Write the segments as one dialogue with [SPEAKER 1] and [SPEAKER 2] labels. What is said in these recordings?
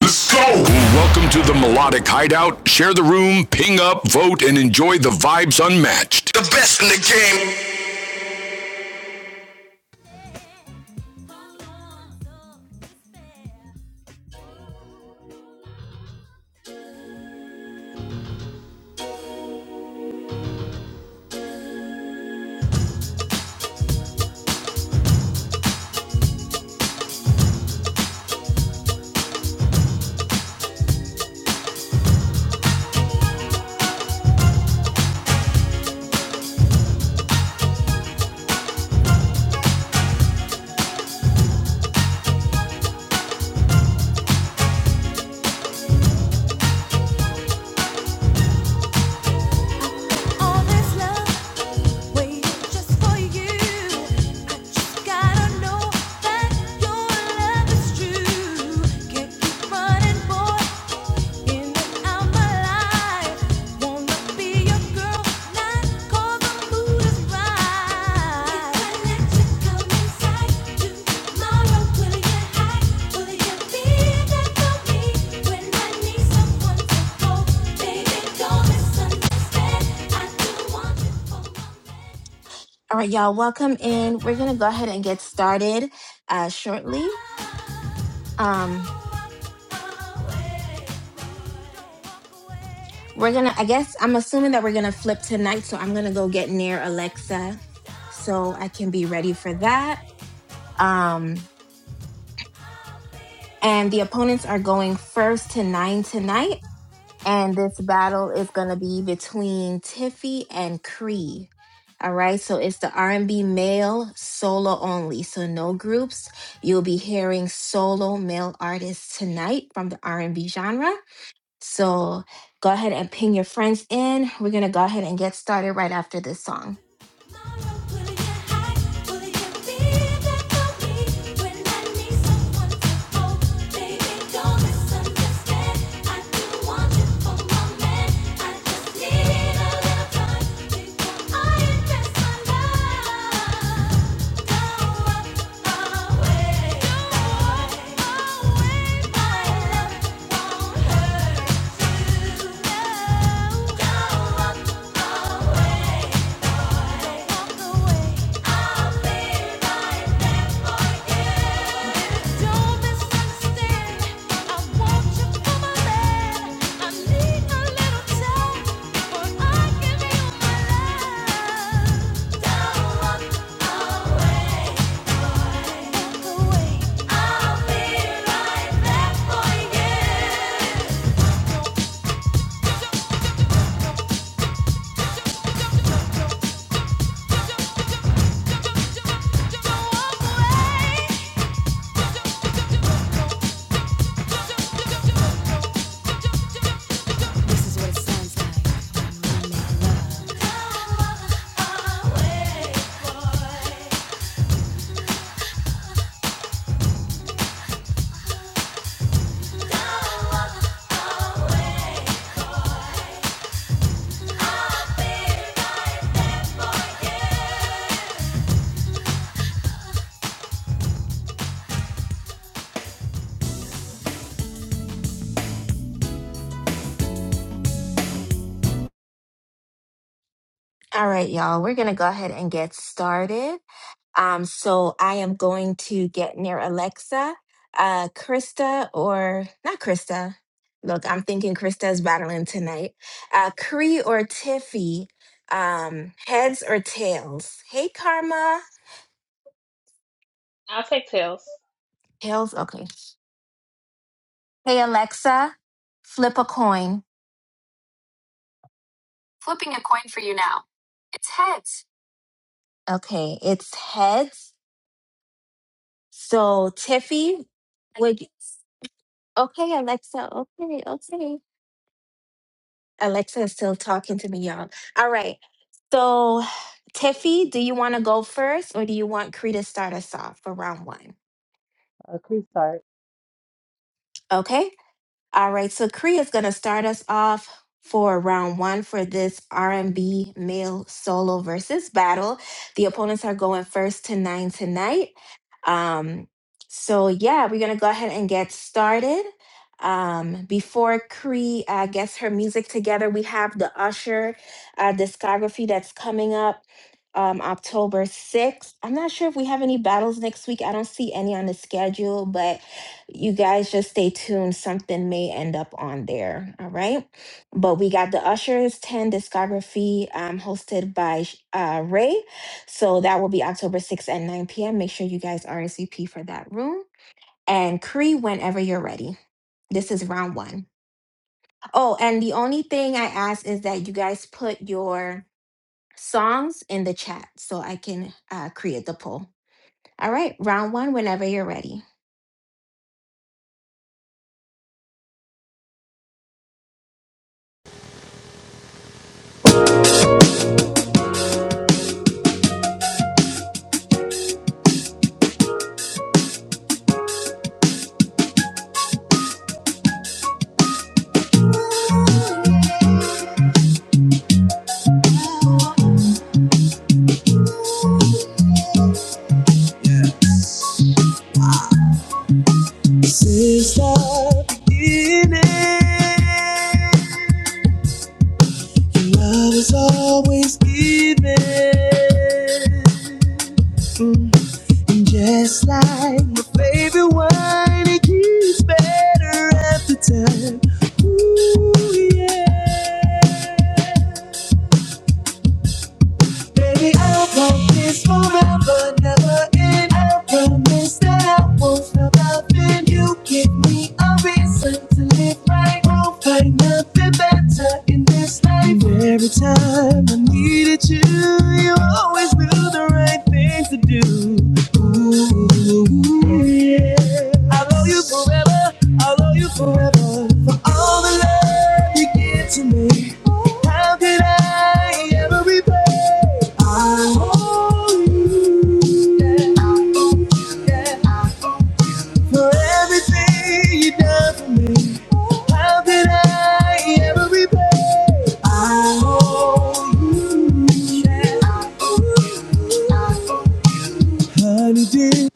[SPEAKER 1] Let's go! Well, Welcome to the Melodic Hideout. Share the room, ping up, vote, and enjoy the vibes unmatched. The best in the game.
[SPEAKER 2] All right, y'all, welcome in. We're gonna go ahead and get started uh, shortly. Um, we're gonna, I guess, I'm assuming that we're gonna flip tonight, so I'm gonna go get near Alexa so I can be ready for that. Um, and the opponents are going first to nine tonight. and this battle is going to be between Tiffy and Cree. All right, so it's the R&B male solo only, so no groups. You'll be hearing solo male artists tonight from the R&B genre. So go ahead and ping your friends in. We're gonna go ahead and get started right after this song. All right, y'all, we're gonna go ahead and get started. Um, so I am going to get near Alexa, uh, Krista, or not Krista. Look, I'm thinking Krista is battling tonight. Uh, Cree or Tiffy, um, heads or tails? Hey, Karma.
[SPEAKER 3] I'll take tails.
[SPEAKER 2] Tails, okay. Hey, Alexa, flip a coin. Flipping a coin for you now. It's heads. Okay, it's heads. So, Tiffy, would okay, Alexa, okay, okay. Alexa is still talking to me, y'all. All right. So, Tiffy, do you want to go first or do you want Cree to start us off for round one?
[SPEAKER 4] Uh, please start.
[SPEAKER 2] Okay. All right, so Kree is going to start us off for round one for this R&B male solo versus battle. The opponents are going first to nine tonight. Um, so yeah, we're going to go ahead and get started. Um, before Kree uh, gets her music together, we have the Usher uh, discography that's coming up um, October 6th. I'm not sure if we have any battles next week. I don't see any on the schedule, but you guys just stay tuned. Something may end up on there. All right. But we got the Ushers 10 discography um, hosted by Sh- uh, Ray. So that will be October 6th at 9 p.m. Make sure you guys RSVP for that room. And Cree, whenever you're ready. This is round one. Oh, and the only thing I ask is that you guys put your songs in the chat so I can uh, create the poll. All right. Round one, whenever you're ready.
[SPEAKER 5] Yeah. Since the beginning, your love is always giving. Mm. And just like my favorite wine, it keeps better every time. Ooh, yeah. Baby, I want this forever, never end. I promise that I won't stop loving you. Give me a reason to live right. Won't find nothing better in this life. Every time I needed you, you always knew the right thing to do do. Ooh, yeah. I love you forever. I love you forever. For all the love you give to me. How could I ever repay? I owe you. Yeah, I owe you. Yeah. I for everything you done for me, how could I ever repay? I owe you, yeah, I owe you, honey, dear.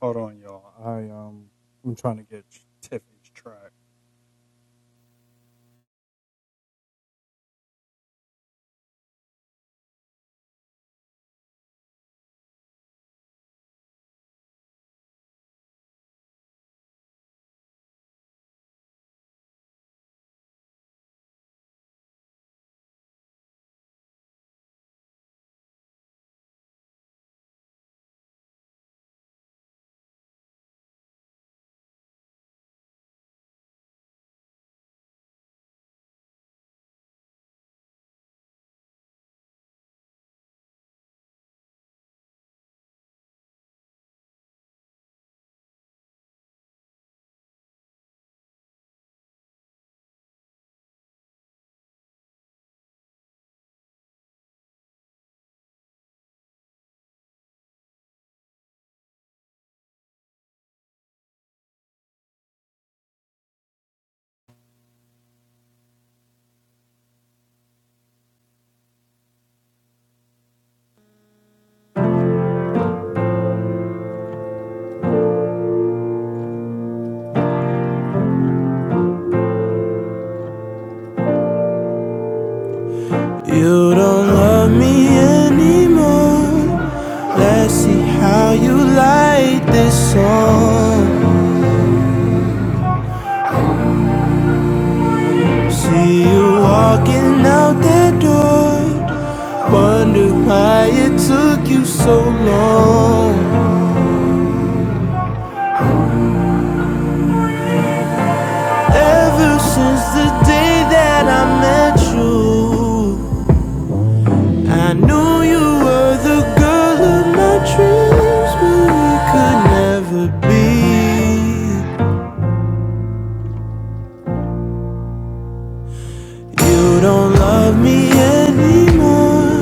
[SPEAKER 6] Hold on, y'all. I um, I'm trying to get Tiffany's track. You don't love me anymore. Let's see how you like this song. See you walking out that door. Wonder why it took you so long. Ever since the day that I met you, I knew you were the girl of my dreams, but we could never be. You don't love me anymore.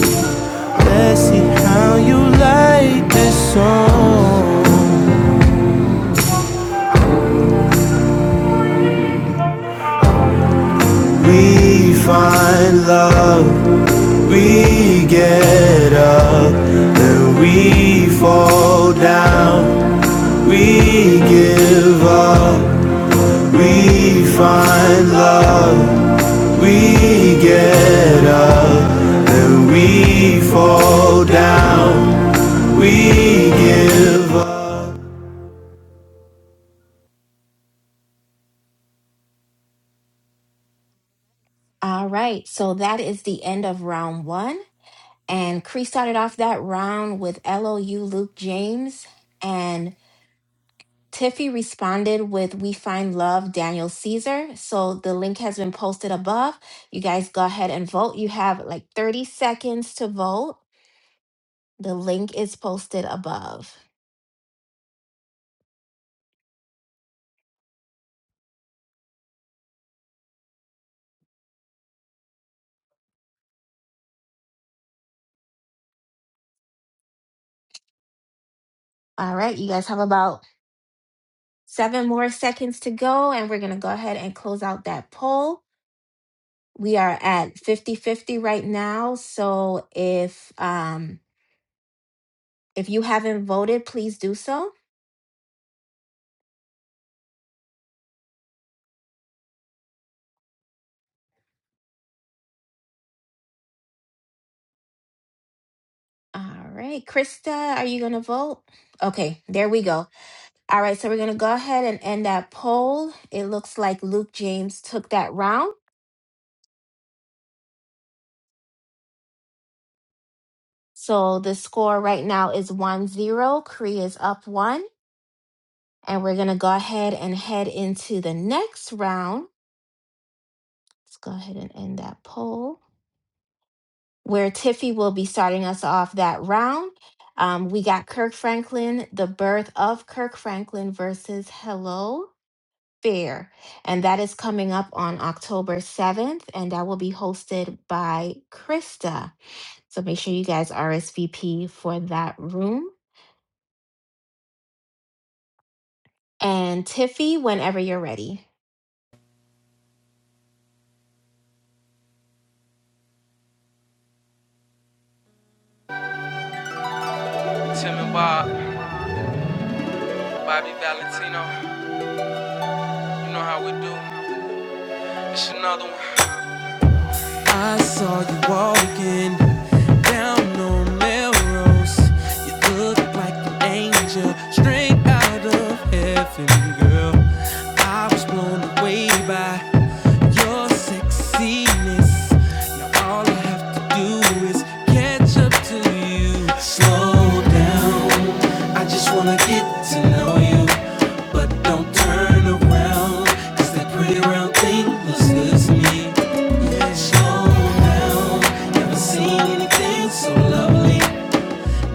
[SPEAKER 6] Let's see how you like this song. We find love, we get up, then we fall down, we give up. We find love. We get up and we fall down. We give up.
[SPEAKER 2] All right, so that is the end of round one. And Cree started off that round with LOU Luke James. And Tiffy responded with We Find Love Daniel Caesar. So the link has been posted above. You guys go ahead and vote. You have like 30 seconds to vote. The link is posted above. All right, you guys have about seven more seconds to go. And we're going to go ahead and close out that poll. We are at fifty-fifty right now. So if, um, if you haven't voted, please do so. All right, Krista, are you going to vote? Okay, there we go. All right, so we're going to go ahead and end that poll. It looks like Luke James took that round. So the score right now is one zero. 0. Korea is up one. And we're going to go ahead and head into the next round. Let's go ahead and end that poll where Tiffy will be starting us off that round. Um, we got Kirk Franklin, The Birth of Kirk Franklin versus Hello. Fair. And that is coming up on October 7th, and that will be hosted by Krista. So make sure you guys RSVP for that room. And Tiffy, whenever you're ready.
[SPEAKER 6] Tim and Bob, Bobby Valentino. You know how we do. It's another one. I saw you walking down on Melrose. You look like an angel straight out of heaven, girl. I was blown away by your sexiness. Now all I have to do is catch it's up to you. Slow down. I just wanna get to know you. But don't turn around. Cause that pretty round thing looks good to me. Slow down. Never seen anything so lovely.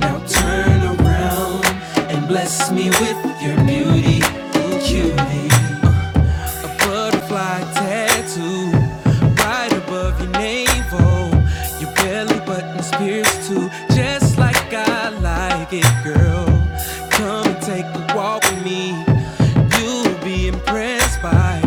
[SPEAKER 6] Now turn around and bless me with your beauty. Cutie. A butterfly tattoo right above your navel. Your belly button's pierced too, just like I like it, girl. Come and take a walk with me. You'll be impressed by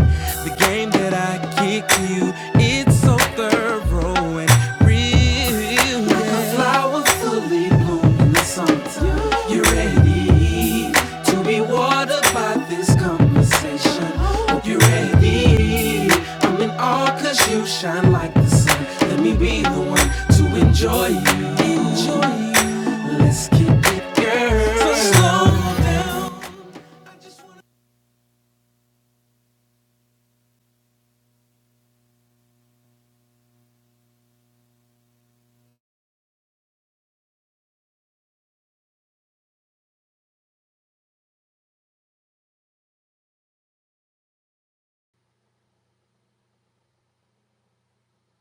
[SPEAKER 6] the game that I kick to you. It's so thorough and real real. Like a flower fully bloomed in the summertime. You're ready to be watered by this conversation. Hope you're ready. I'm in awe cause you shine like the sun. Let me be the one to enjoy you. Enjoy you. Let's keep it, girl. So slow down.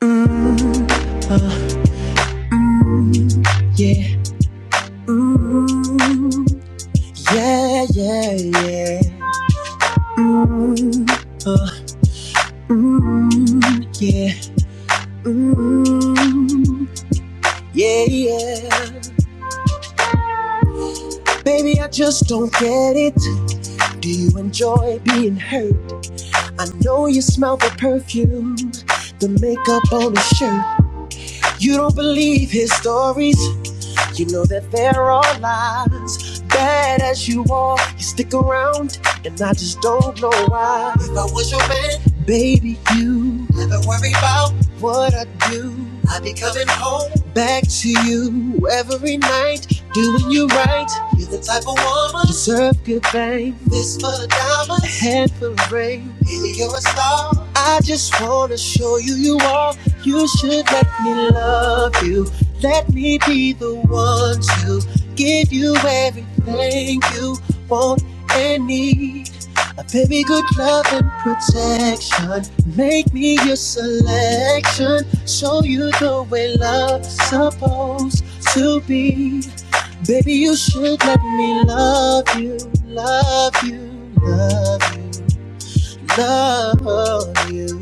[SPEAKER 5] Mm, uh, yeah, mm, yeah, yeah, yeah. Mm, uh, mm, yeah, mm, yeah, yeah. Baby, I just don't get it. Do you enjoy being hurt? I know you smell the perfume, the makeup on his shirt. You don't believe his stories. You know that there are lies. Bad as you are, you stick around, and I just don't know why. If I was your man, baby, you never worry about what I do. I'd be coming home back to you every night, doing you right. You're the type of woman deserve good fame. This for the diamond, a head for the rain. Baby, you're a star. I just wanna show you you are. You should let me love you. Let me be the one to give you everything you want and need. A baby, good love and protection. Make me your selection. Show you the way love's supposed to be. Baby, you should let me love you, love you, love you, love you.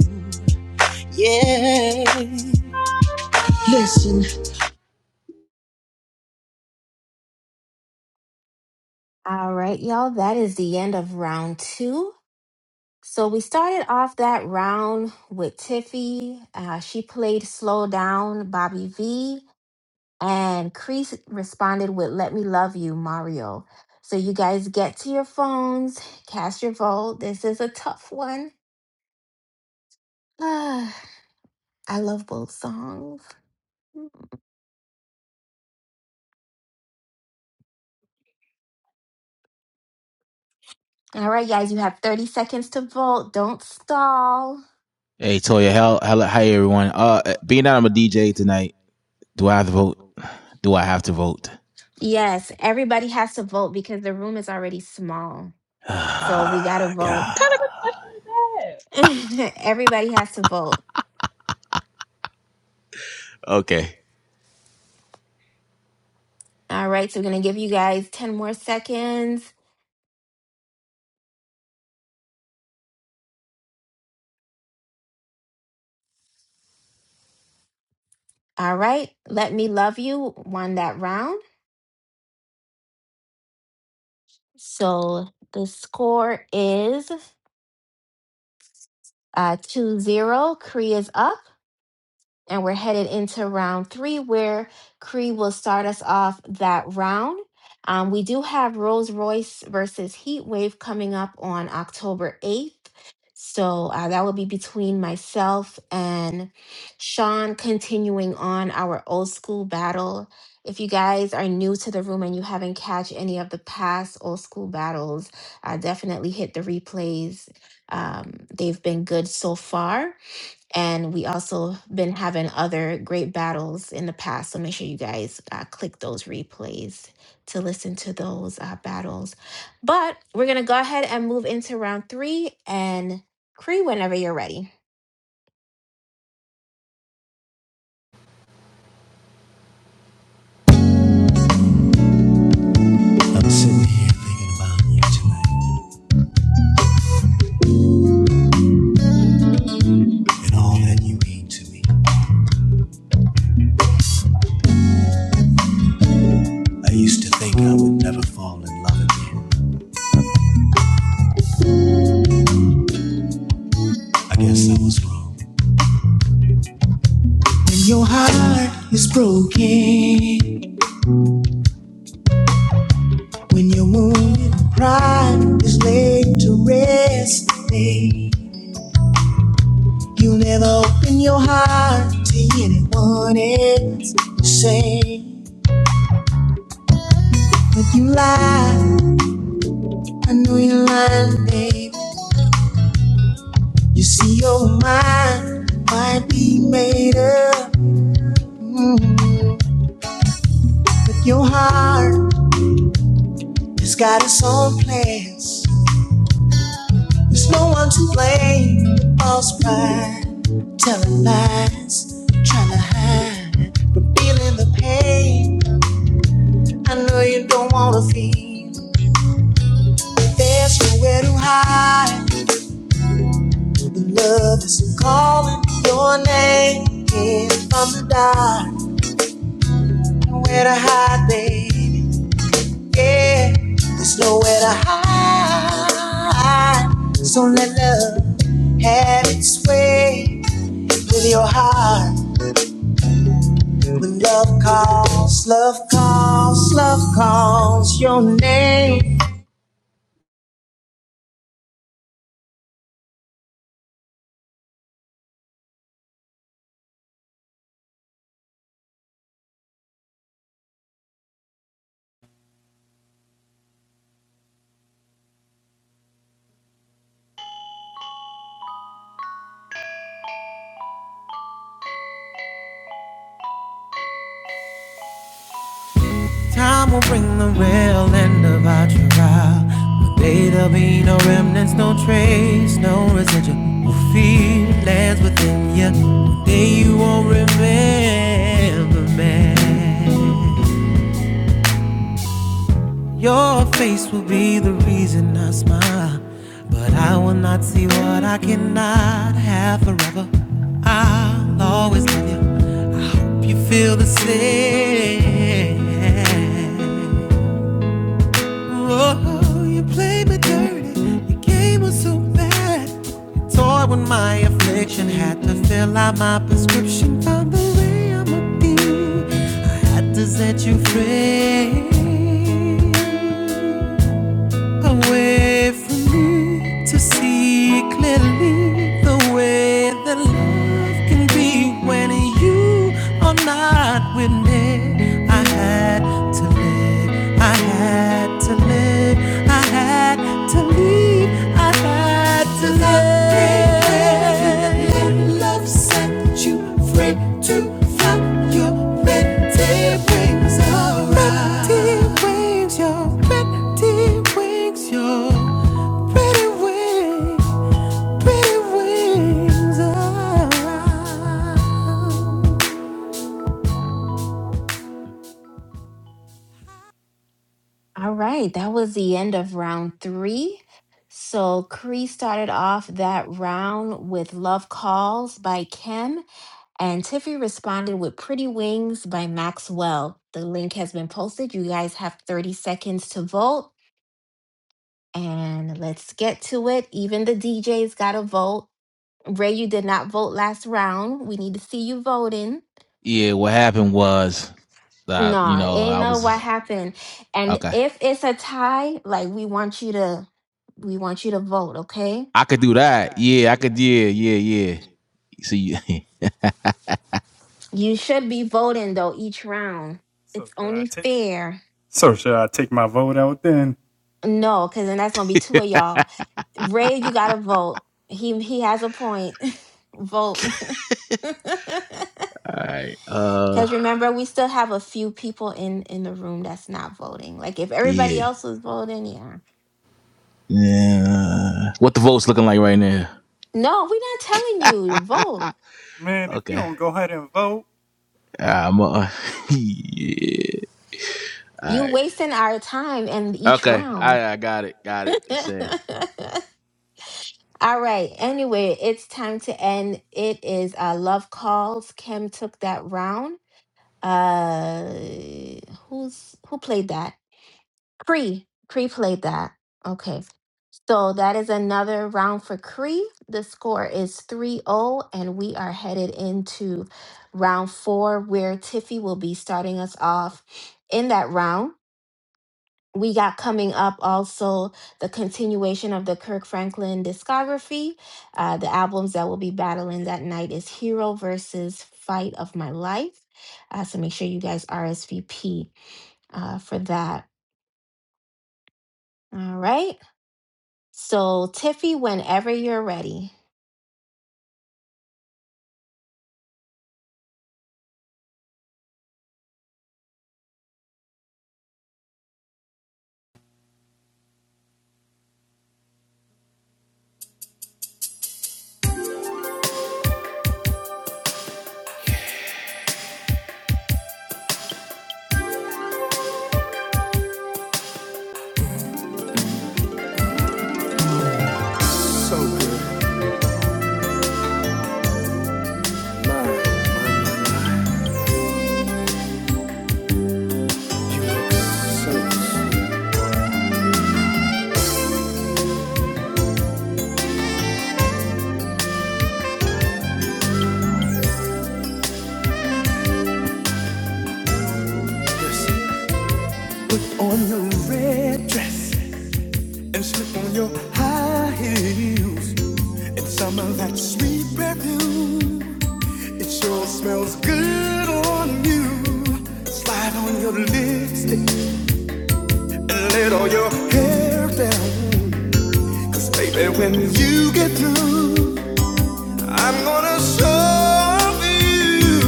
[SPEAKER 5] Yeah. Listen.
[SPEAKER 2] All right, y'all, that is the end of round two. So we started off that round with Tiffy. Uh, she played Slow Down Bobby V. And Kreese responded with, Let me love you, Mario. So you guys get to your phones, cast your vote. This is a tough one. Ah, I love both songs. All right, guys, you have 30 seconds to vote. Don't stall.
[SPEAKER 5] Hey Toya, how how hi everyone. Uh, being that I'm a DJ tonight, do I have to vote? Do I have to vote?
[SPEAKER 2] Yes, everybody has to vote because the room is already small. So we got to vote.
[SPEAKER 5] God.
[SPEAKER 2] everybody has to vote.
[SPEAKER 5] Okay.
[SPEAKER 2] All right, so we're going to give you guys 10 more seconds. All right, Let Me Love You won that round. So the score is uh, two zero. Korea's up. And we're headed into round three, where Cree will start us off that round. Um, we do have Rolls Royce versus Heat Wave coming up on October 8th. So uh, that will be between myself and Sean, continuing on our old school battle. If you guys are new to the room and you haven't catch any of the past old school battles, uh, definitely hit the replays. Um, they've been good so far. And we also been having other great battles in the past. So make sure you guys uh, click those replays to listen to those uh, battles. But we're going to go ahead and move into round three and Cree whenever you're ready.
[SPEAKER 5] I'm sitting here thinking about you tonight and all that you mean to me. I used to think I would never fall in love again. I guess I was wrong. When your heart is broken, when your wounded pride is laid to rest, babe, you'll never open your heart to anyone else. You say But you lie, I know you're lying, babe. You see your mind might be made up, mm, but your heart has got its own plans. There's no one to blame. The false pride, telling lies, trying to hide, revealing the pain. I know you don't wanna feel, but there's nowhere to hide. The love is calling your name in from the dark. Nowhere to hide, baby. Yeah, there's nowhere to hide. So let love have its way with your heart. When love calls, love calls, love calls your name.
[SPEAKER 6] Time will bring the real end of our trial. One day there'll be no remnants, no trace, no residual fear lands within you. One day you won't remember me. Your face will be the reason I smile, but I will not see what I cannot have forever. I'll always love you. I hope you feel the same. Whoa, you played me dirty. Your game was so bad. You toyed with my affliction. Had to fill out my prescription. Found the way I'ma be. I had to set you free a way for me to see clearly the way that love can be when you are not with me. I had to live, I had to live, I had to.
[SPEAKER 2] All right. That was the end of round three. So Cree started off that round with Love Calls by Kim. And Tiffy responded with Pretty Wings by Maxwell. The link has been posted. You guys have 30 seconds to vote. And let's get to it. Even the DJ's got to vote. Ray, you did not vote last round. We need to see you voting.
[SPEAKER 5] Yeah, what happened was that, you
[SPEAKER 2] Nah,
[SPEAKER 5] know,
[SPEAKER 2] ain't
[SPEAKER 5] I
[SPEAKER 2] know what
[SPEAKER 5] was,
[SPEAKER 2] happened. And
[SPEAKER 5] okay.
[SPEAKER 2] if it's a tie, like we want you to, we want you to vote. Okay.
[SPEAKER 5] I could do that. Yeah, I could, yeah, yeah, yeah. See,
[SPEAKER 2] You should be voting though each round.
[SPEAKER 6] So
[SPEAKER 2] It's
[SPEAKER 6] should I
[SPEAKER 2] only
[SPEAKER 6] take?
[SPEAKER 2] fair.
[SPEAKER 6] So should I take my vote out then?
[SPEAKER 2] No, because then that's gonna be two of y'all. Ray, you gotta vote. He he has a point. vote.
[SPEAKER 5] all right. Uh,
[SPEAKER 2] Because remember, we still have a few people in in the room that's not voting. Like if everybody
[SPEAKER 5] yeah.
[SPEAKER 2] else was voting, yeah.
[SPEAKER 5] Yeah. What the vote's looking like right now?
[SPEAKER 2] No, we're not telling you vote.
[SPEAKER 6] Man, if you
[SPEAKER 5] Okay.
[SPEAKER 6] don't go ahead and vote,
[SPEAKER 5] I'm uh, yeah. All
[SPEAKER 2] You
[SPEAKER 5] right.
[SPEAKER 2] wasting our time in each
[SPEAKER 5] Okay.
[SPEAKER 2] round.
[SPEAKER 5] I I got it. Got it. Say.
[SPEAKER 2] All right. Anyway, it's time to end. It is uh, love calls. Kim took that round. Uh, who's who played that? Cree. Cree played that. Okay. So that is another round for Cree. The score is three zero, and we are headed into round four, where Tiffy will be starting us off in that round. We got coming up also the continuation of the Kirk Franklin discography. Uh, the albums that we'll be battling that night is Hero versus Fight of My Life. Uh, so make sure you guys RSVP uh, for that. All right. So, Tiffy, whenever you're ready.
[SPEAKER 6] Put on your red dress. and slip on your high heels and summer that sweet perfume. It sure smells good on you. Slide on your lipstick and let all your hair down. 'Cause baby, when you get through. I'm gonna show you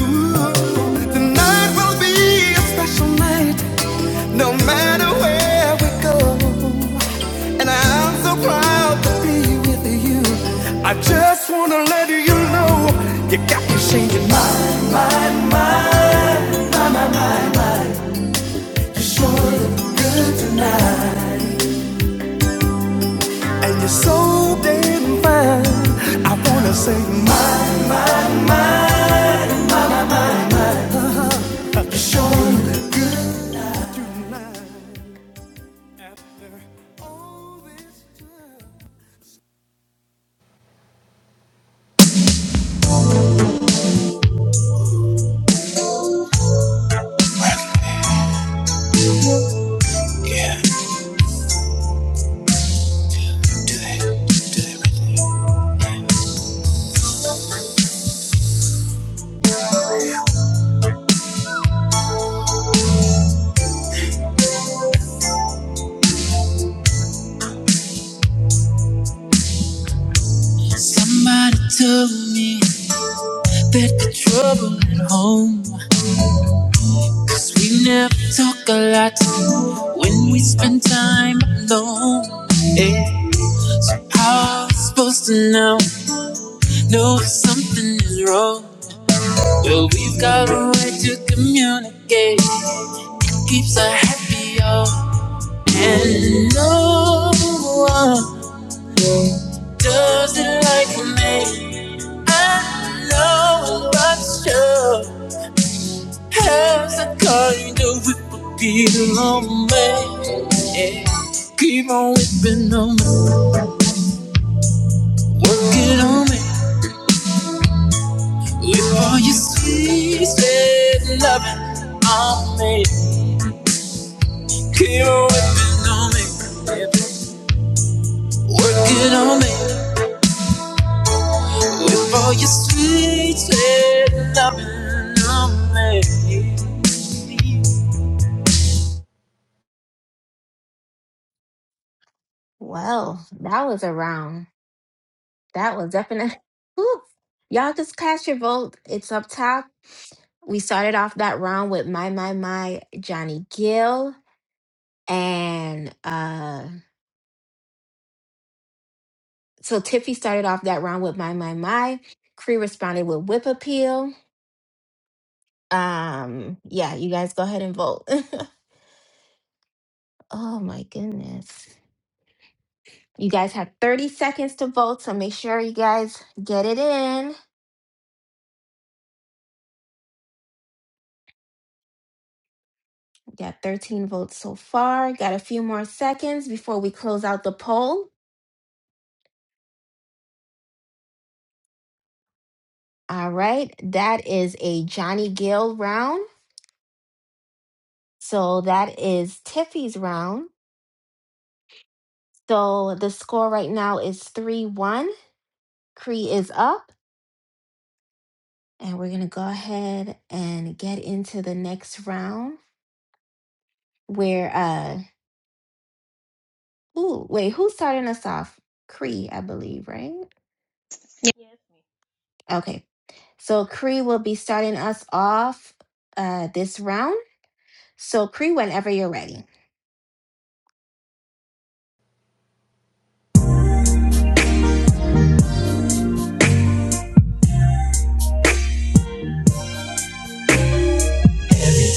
[SPEAKER 6] tonight will be a special night, no matter where we go. And I'm so proud to be with you. I just wanna let you know you got me changing my mind, mind. You sure look good tonight, and you're so damn fine. I wanna say my, my, my.
[SPEAKER 5] Somebody told me that the trouble at home. 'cause we never talk a lot when we spend time alone. How am I supposed to know? Know if something is wrong. Well, we've got a way to communicate. Keeps us happy, all. And no one does it like me. I know I'm not sure has a kind of whip appeal on me. Yeah. Keep on whipping on me, working on me. With all your sweet, sweet loving on me. Keep on whipping on me, working on me. With all your sweet, sweet loving on me.
[SPEAKER 2] Well, that was a round. That was definitely. Whew. Y'all just cast your vote. It's up top. We started off that round with my my my Johnny Gill and uh so Tiffy started off that round with my my my. Cree responded with whip appeal. Um yeah, you guys go ahead and vote. oh my goodness. You guys have 30 seconds to vote, so make sure you guys get it in. Got 13 votes so far. Got a few more seconds before we close out the poll. All right, that is a Johnny Gill round. So that is Tiffy's round. So the score right now is 3 1. Cree is up. And we're going to go ahead and get into the next round where, uh, ooh, wait, who's starting us off? Cree, I believe, right?
[SPEAKER 3] Yeah. Yes, me.
[SPEAKER 2] Okay. So Cree will be starting us off uh, this round. So, Cree, whenever you're ready.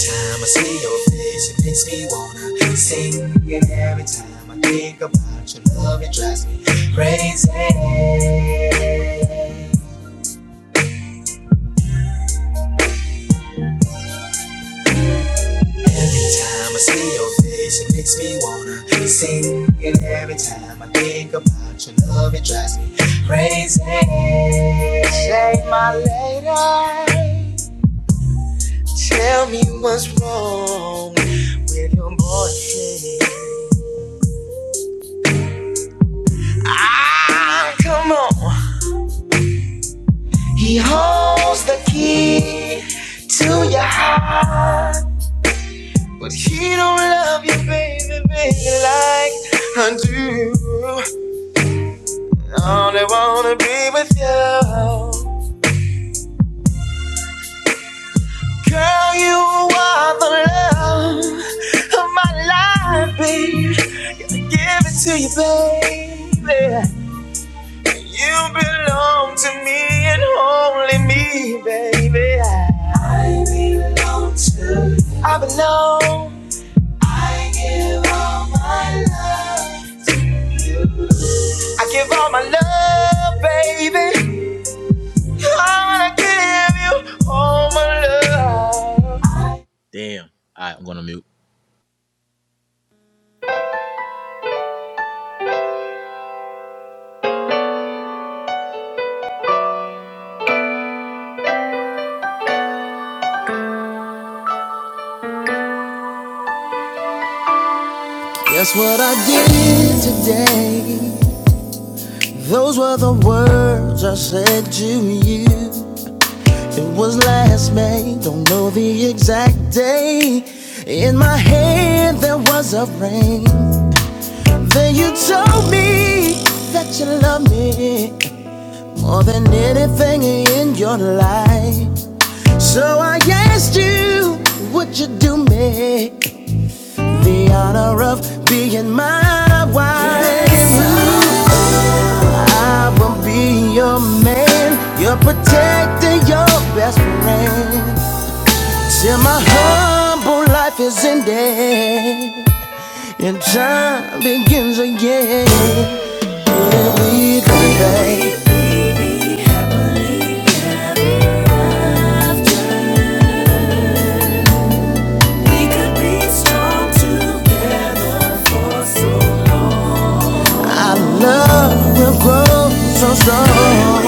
[SPEAKER 5] time I see your face, it makes me wanna sing. And every time I think about your love, it drives me crazy. Every time I see your face, it makes me wanna sing. And every time I think about your love, it drives me crazy. Say, my lady, tell me what's wrong with your boyfriend. Ah, come on. He holds the key to your heart, but he don't love you, baby, baby, like I do. Only wanna be with you, girl. You are the love of my life, babe. Give it to you, baby. You belong to me and only me, baby. I belong to. you. I belong. I give all my love to you. I give all my love, baby. I give you all my love. Damn. All right, I'm gonna mute.
[SPEAKER 6] Guess what I did today? Those were the words I said to you. It was last May, don't know the exact day. In my head there was a ring. Then you told me that you love me more than anything in your life. So I asked you, would you do me the honor of being my wife? I won't be your man, your protector, your best friend. Till my humble life is ended and time begins again. We could so Our love will grow so strong.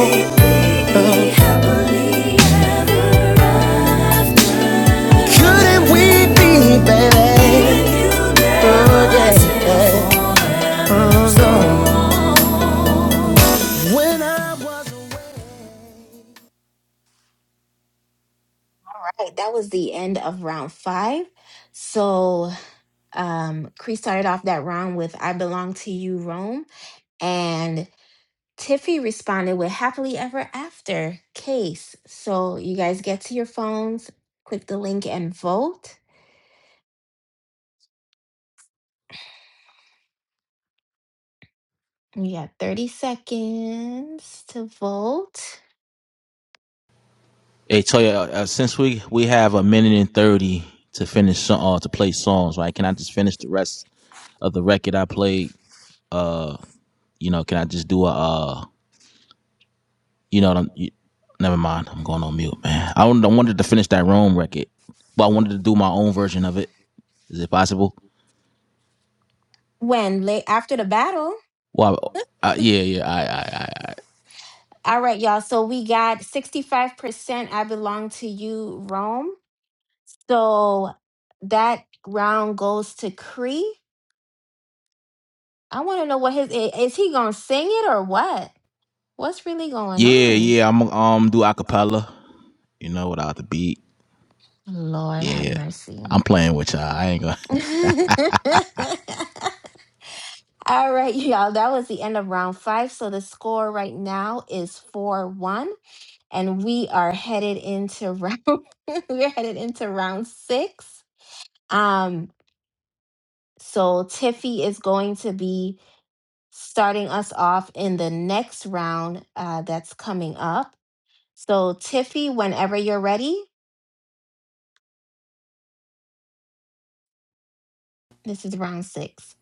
[SPEAKER 6] Couldn't we be, baby? If you Oh, yeah. Oh, When I was
[SPEAKER 2] All right, that was the end of round five. So, um, Cree started off that round with I Belong to You, Rome. And Tiffy responded with Happily Ever After case. So, you guys get to your phones, click the link, and vote. You got 30 seconds to vote.
[SPEAKER 5] Hey Toya, uh, uh, since we we have a minute and thirty to finish so- uh, to play songs, right? Can I just finish the rest of the record I played? Uh, you know, can I just do a uh, you know, what I'm, you, never mind. I'm going on mute, man. I wanted, I wanted to finish that Rome record, but I wanted to do my own version of it. Is it possible?
[SPEAKER 2] When? Late after the battle.
[SPEAKER 5] Well, uh, yeah, yeah, I, I, I, I,
[SPEAKER 2] All right, y'all. So, we got 65% I Belong to You, Rome. So that round goes to Cree. I want to know what his i- is he gonna sing it or what? What's really going
[SPEAKER 5] yeah,
[SPEAKER 2] on?
[SPEAKER 5] yeah. I'm um do acapella, you know, without the beat.
[SPEAKER 2] Lord have
[SPEAKER 5] Yeah,
[SPEAKER 2] mercy.
[SPEAKER 5] I'm playing with y'all. I ain't gonna.
[SPEAKER 2] All right, y'all. That was the end of round five. So the score right now is four one, and we are headed into round. we're headed into round six. Um. So Tiffy is going to be starting us off in the next round uh, that's coming up. So, Tiffy, whenever you're ready, this is round six.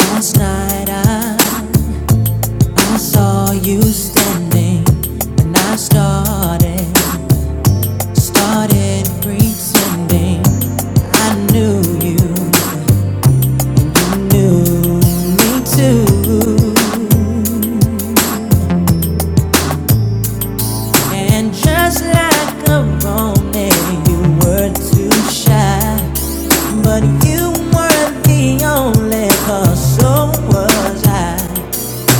[SPEAKER 6] Last night I, I saw you standing and I started Started pretending I knew you knew me too. And just like a romance, you were too shy. But you weren't the only cause so was I.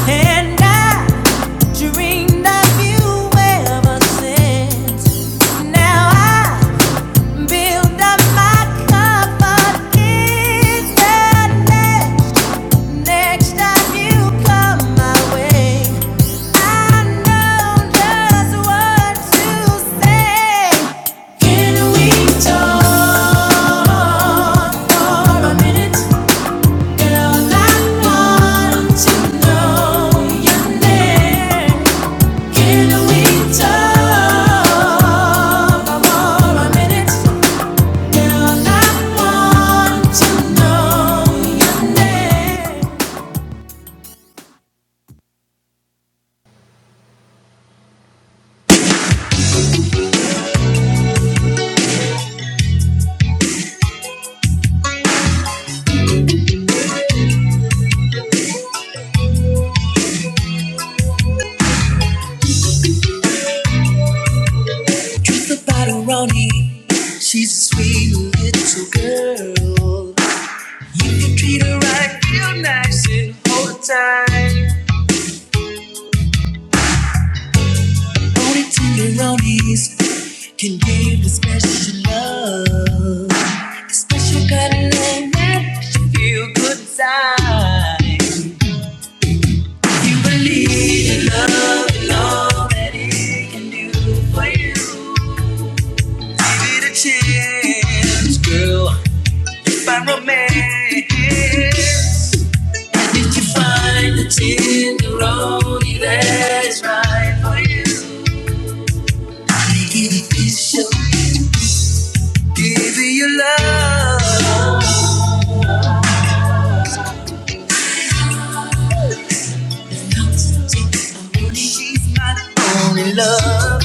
[SPEAKER 6] And I dreamed of you ever since. Now I Build up my confidence. Next time you come my way, I know just what to say. Can we talk for a minute, girl? I want to know your name. Can we talk for a minute?
[SPEAKER 5] The Truth about Ronnie, she's a sweet little girl. You can treat her right, real nice, and hold her tight. Only tenderonis can give the special love, the special kind of love that makes you feel good inside. You believe in love and all that it can do for you. Give it a chance, girl. Find romance. And if you find it's right in love.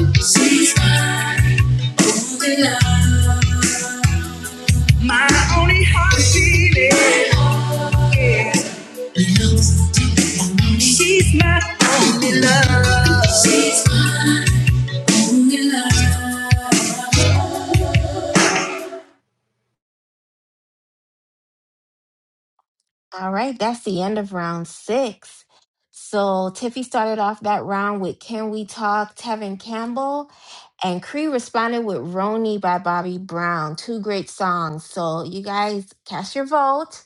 [SPEAKER 2] All right, that's the end of round six. So, Tiffy started off that round with Can We Talk, Tevin Campbell, and Cree responded with Roni by Bobby Brown. Two great songs. So, you guys, cast your vote.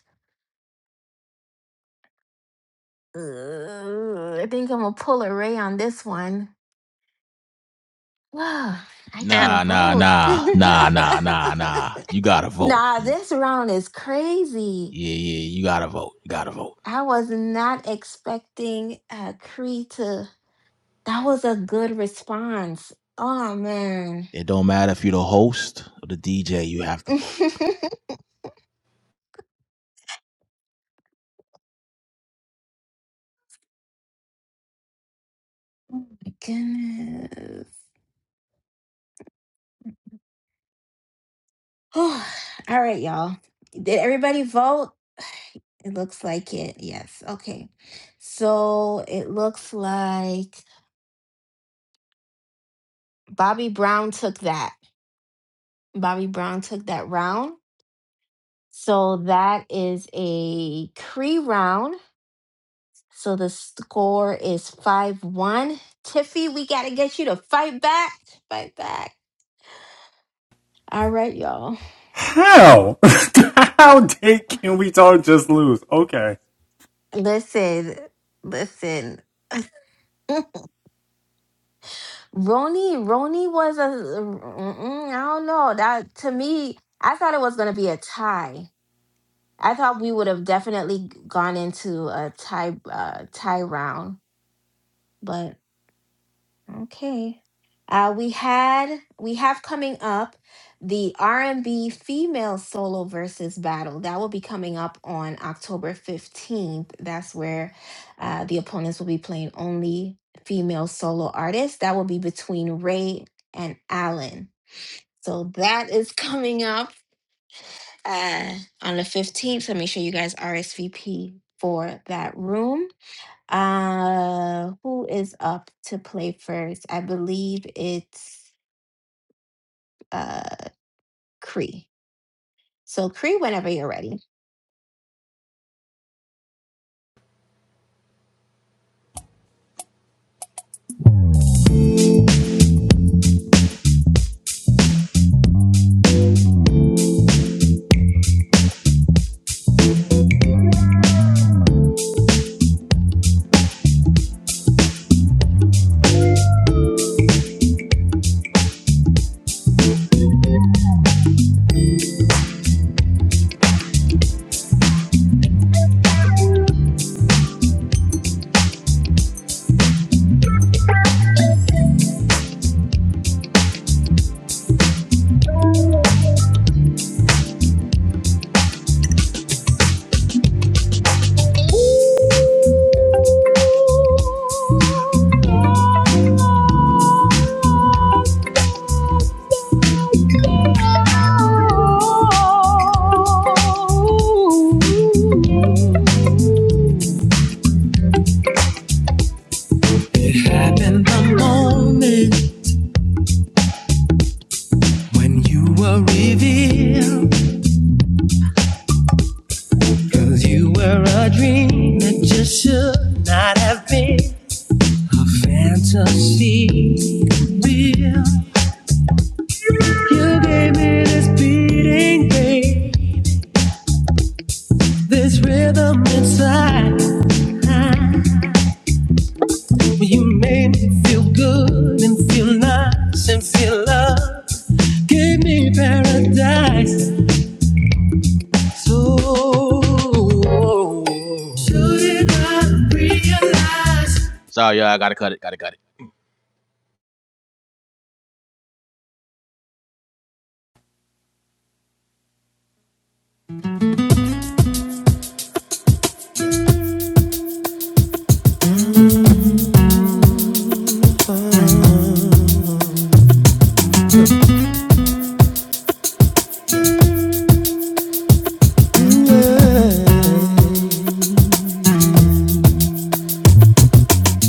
[SPEAKER 2] Uh, I think I'm going to pull a Ray on this one. Wow, I
[SPEAKER 3] Uh, And
[SPEAKER 2] can't
[SPEAKER 5] Nah, nah,
[SPEAKER 3] we need
[SPEAKER 2] vote.
[SPEAKER 3] all
[SPEAKER 5] nah,
[SPEAKER 3] hands on
[SPEAKER 5] nah,
[SPEAKER 3] deck.
[SPEAKER 5] nah, nah, nah. You gotta vote.
[SPEAKER 2] Nah,
[SPEAKER 5] Yeah,
[SPEAKER 2] this round is crazy.
[SPEAKER 5] yeah, yeah, you gotta vote. You gotta vote.
[SPEAKER 2] I was not expecting uh Cree to that was a good response. Oh man.
[SPEAKER 5] It don't matter if you're the host or the DJ, you have to vote.
[SPEAKER 2] Goodness. Oh, all right, y'all. Did everybody vote? It looks like it. Yes. Okay. So it looks like Bobby Brown took that. Bobby Brown took that round. So that is a Cree round. So the score is 5 1. Tiffy, we got to get you to fight back. Fight back. All right, y'all.
[SPEAKER 6] How? How did Can We Talk just lose? Okay.
[SPEAKER 2] Listen, listen. Roni, Roni was a. mm, I don't know. That to me, I thought it was going to be a tie. I thought we would have definitely gone into a tie uh, tie round, but. Okay. Uh, we had we have coming up the R&B female solo versus battle. That will be coming up on October 15th. That's where uh, the opponents will be playing only female solo artists. That will be between Ray and Allen. So that is coming up uh, on the 15th. So make sure you guys RSVP for that room. Uh, who is up to play first? I believe it's uh Cree. So Cree, whenever you're ready.
[SPEAKER 5] It happened the moment when you were revealed. Cause you were a dream that just should not have been a fantasy. Real. You gave me this beating, babe, this rhythm inside. You made me feel good and feel nice and feel love. Gave me paradise. So. Should I realize? Sorry, y'all. I gotta cut it. Gotta cut it.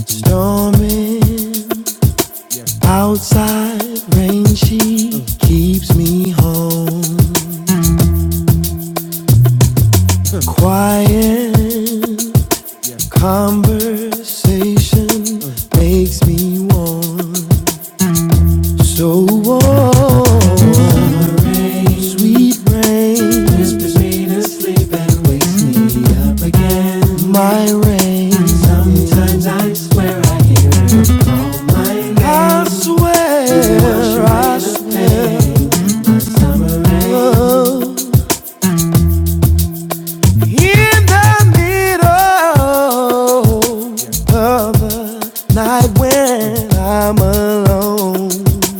[SPEAKER 6] Storming outside rain, she keeps me home. Quiet conversation makes me warm. So warm, rain, sweet rain whispers me to sleep and wakes me up again. My rain, sometimes I swear I hear it again. I swear, I swear. oh. In the middle of the night when I'm alone,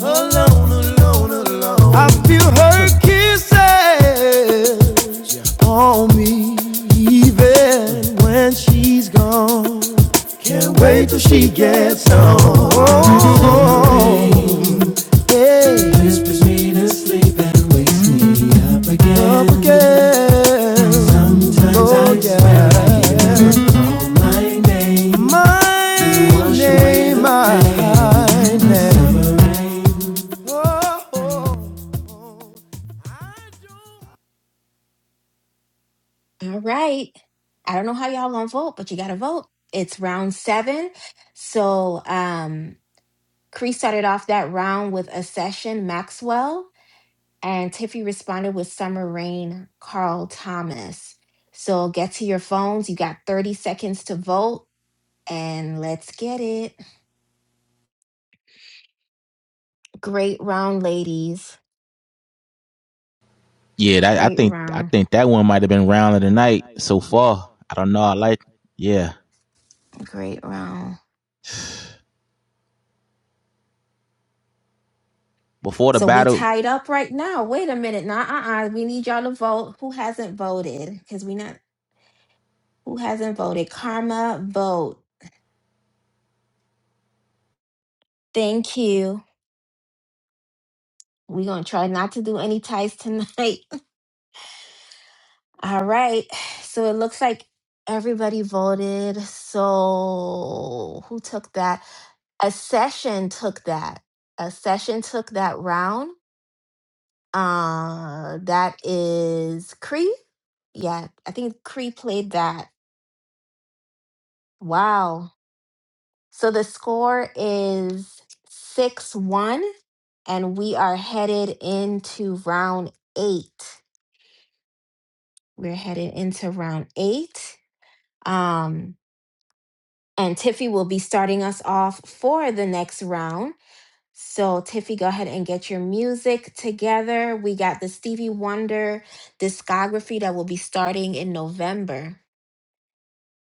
[SPEAKER 6] alone, alone, alone. I feel her kisses on me even when she's gone. Can't wait till she gets home. Hey, whispers me up again. Sometimes I oh, I yeah. My name, my name. Oh,
[SPEAKER 2] All right. I don't know how y'all gonna vote, but you gotta vote. It's round seven. So um Cree started off that round with a session, Maxwell, and Tiffy responded with Summer Rain, Carl Thomas. So get to your phones. You got 30 seconds to vote and let's get it. Great round, ladies.
[SPEAKER 5] Yeah, that, I
[SPEAKER 2] Great
[SPEAKER 5] think I
[SPEAKER 2] round.
[SPEAKER 5] think that one might have been round of the night so far. I don't know. I like yeah.
[SPEAKER 2] Great round.
[SPEAKER 5] Before the
[SPEAKER 2] So we
[SPEAKER 5] battle,
[SPEAKER 2] tied up right now. Wait a minute. Nah, uh uh We need y'all to vote. Who hasn't voted? Because we not who hasn't voted? Karma vote. Thank you. We're gonna try not to do any ties tonight. All right. So it looks like everybody voted. So who took that? a session took that a session took that round uh that is cree Yeah, I think Cree played that. Wow. So the score is 6 1, and we are headed into round eight. We're headed into round eight. Um, and Tiffy will be starting us off for the next round. So, Tiffy, go ahead and get your music together. We got the Stevie Wonder discography that will be starting in November.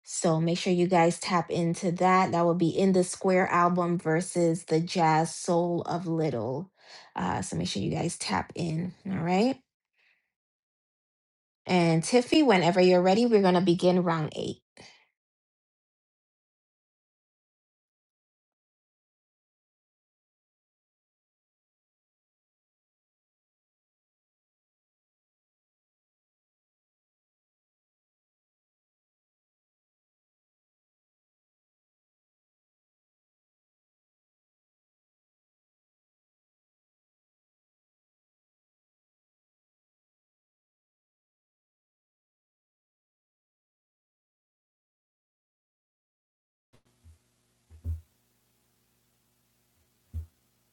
[SPEAKER 2] So make sure you guys tap into that. That will be in the Square album versus the Jazz Soul of Little. Uh, so make sure you guys tap in. All right. And Tiffy, whenever you're ready, we're going to begin round eight.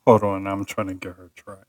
[SPEAKER 6] Hold on, I'm trying to get her track.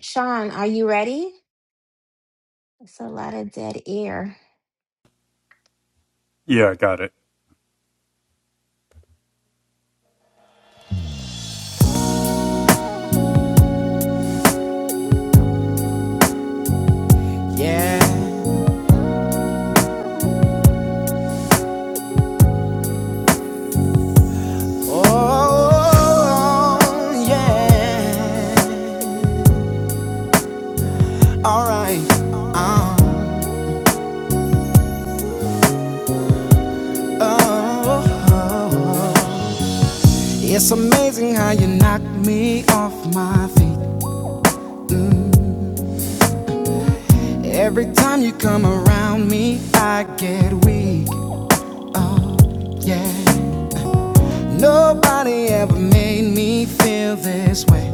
[SPEAKER 2] Sean, are you ready? It's a lot of dead air.
[SPEAKER 6] Yeah, I got it. yeah. Oh, yeah. All right. Uh, oh, oh. It's amazing how you knock me off my feet. Every time you come around me, I get weak. Yeah. Nobody ever made me feel this way.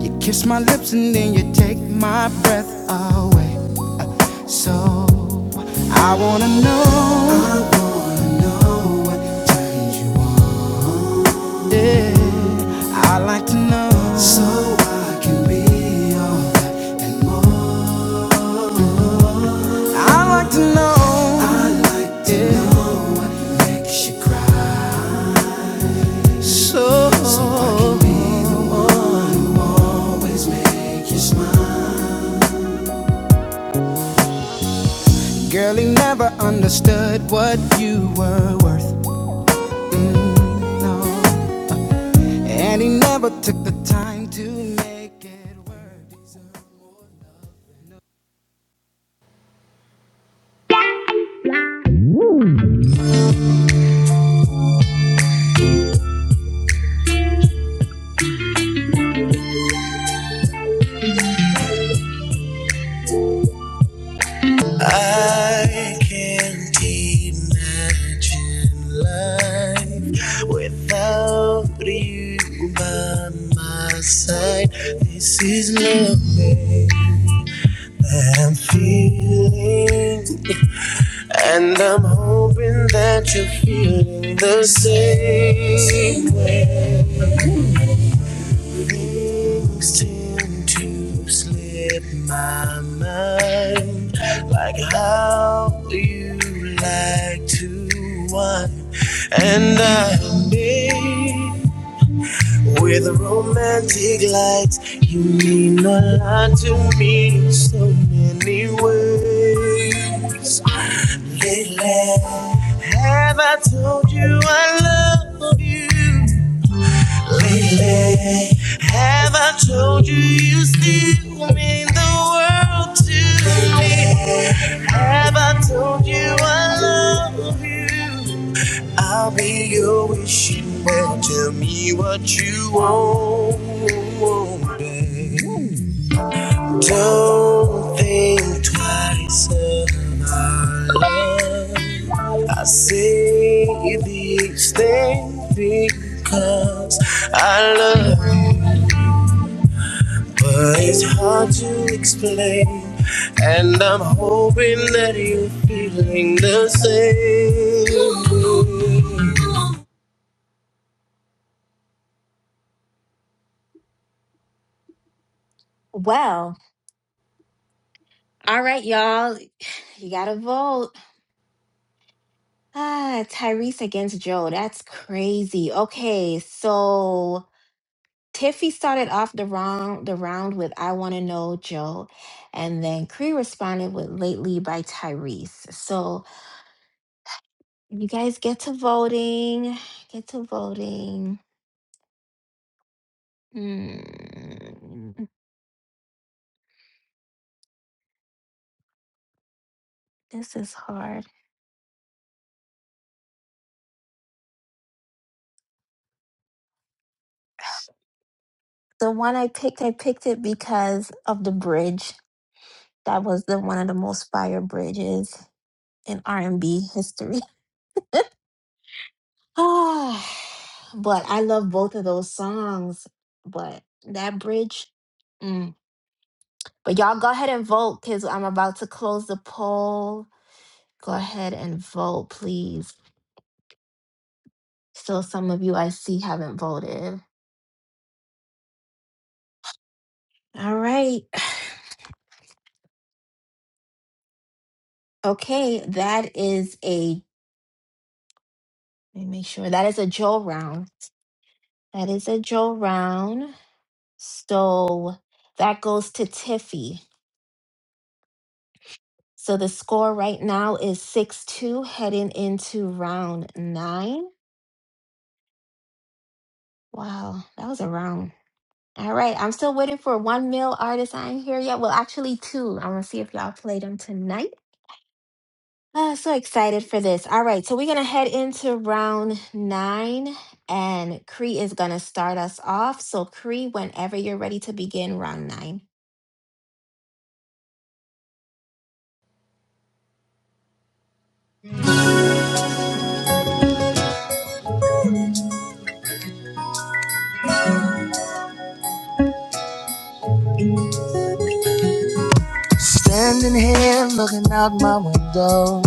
[SPEAKER 6] You kiss my lips and then you take my breath away. So I wanna know. I wanna know what turns you. on. Yeah, I like to know. So I can be all that. I like to know. I like to yeah. know. Makes you cry. So, so I can be the one who always make you smile. Girl, he never understood what you were worth. No. And he never took the time to make it worth it.
[SPEAKER 5] I can't imagine life without you by my side. This is lovely. I'm feeling, and I'm hoping that you're feeling the same way. Things tend to slip my mind, like how you like to wine, and I'm in with romantic lights. You mean a lot to me in so many ways. Lately, have I told you I love you? Lately, have I told you you still mean the world to me? Have I told you I love you? I'll be your wishing well. Tell me what you want, babe. Don't think twice of our love. I say these things because I love you, but it's hard to explain. And I'm hoping that you're feeling the same.
[SPEAKER 2] Well, all right, y'all. You got to vote. Ah, Tyrese against Joe. That's crazy. Okay, so Tiffy started off the round the round with I Wanna Know Joe. And then Cree responded with Lately by Tyrese. So you guys get to voting. Get to voting. Hmm, this is hard. The one I picked, I picked it because of the bridge. That was the one of the most fire bridges in R and B history. Ah, but I love both of those songs. But that bridge. mm. But y'all go ahead and vote because I'm about to close the poll. Go ahead and vote, please. Still, some of you I see haven't voted. All right. Okay, that is a, let me make sure that is a Joe round. That is a Joe round. So that goes to Tiffy. So the score right now is 6 2 heading into round nine. Wow, that was a round. All right, I'm still waiting for one male artist. I ain't here yet. Well, actually, two. I'm gonna see if y'all play them tonight. Uh, so excited for this. All right, so we're gonna head into round nine, and Cree is gonna start us off. So, Cree, whenever you're ready to begin round nine.
[SPEAKER 5] Standing here looking out my window.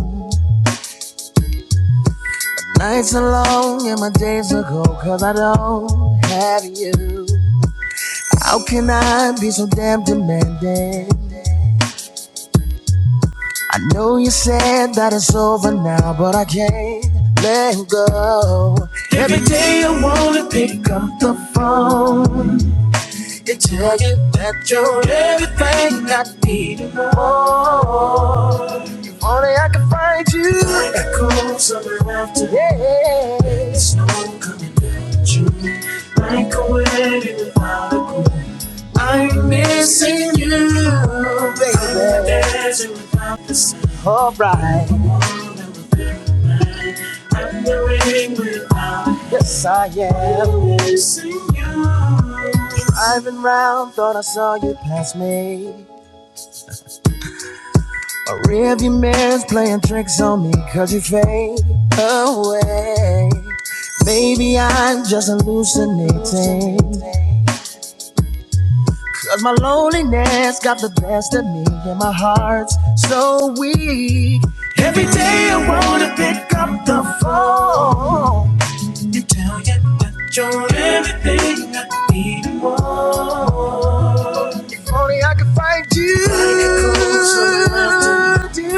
[SPEAKER 5] Nights are long and my days are cold because I don't have you. How can I be so damn demanding? I know you said that it's over now, but I can't let go. Every day I wanna pick up the phone and tell you that you're everything I need and more. If only I could find you echo today. Singing you, baby. Alright, yes I am. Driving round, thought I saw you pass me. A rearview mirror's playing tricks on me, cause you fade away. Maybe I'm just hallucinating. Cause my loneliness got the best of me, and my heart's so weak. Every day I wanna pick up the phone. You tell you that you're everything I need. I can find you.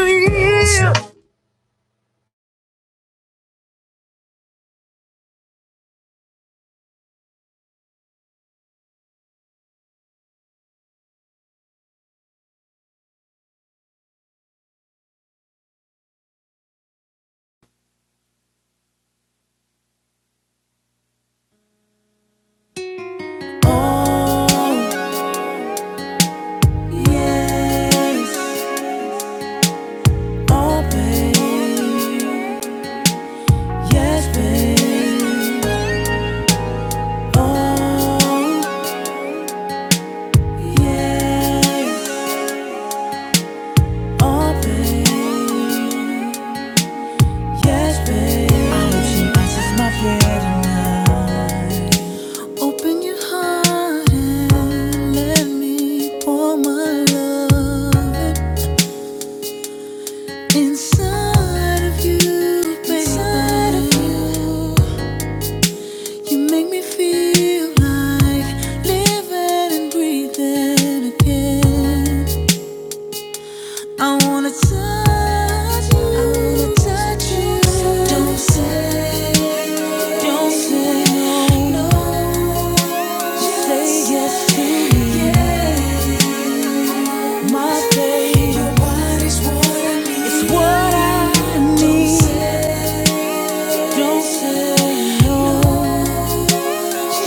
[SPEAKER 6] Oh, yes. Oh, babe. Yes, babe. Oh, yes. Oh, babe. Yes, babe. I hope she answers my prayer tonight. Open your heart and let me pour my love. Inside of you, baby. Inside of you. You make me feel like living and breathing again. I wanna touch you. I wanna touch you. So don't say, don't say no. Say yes to me. My baby. Your body's what I need. It's what I need. Don't say no,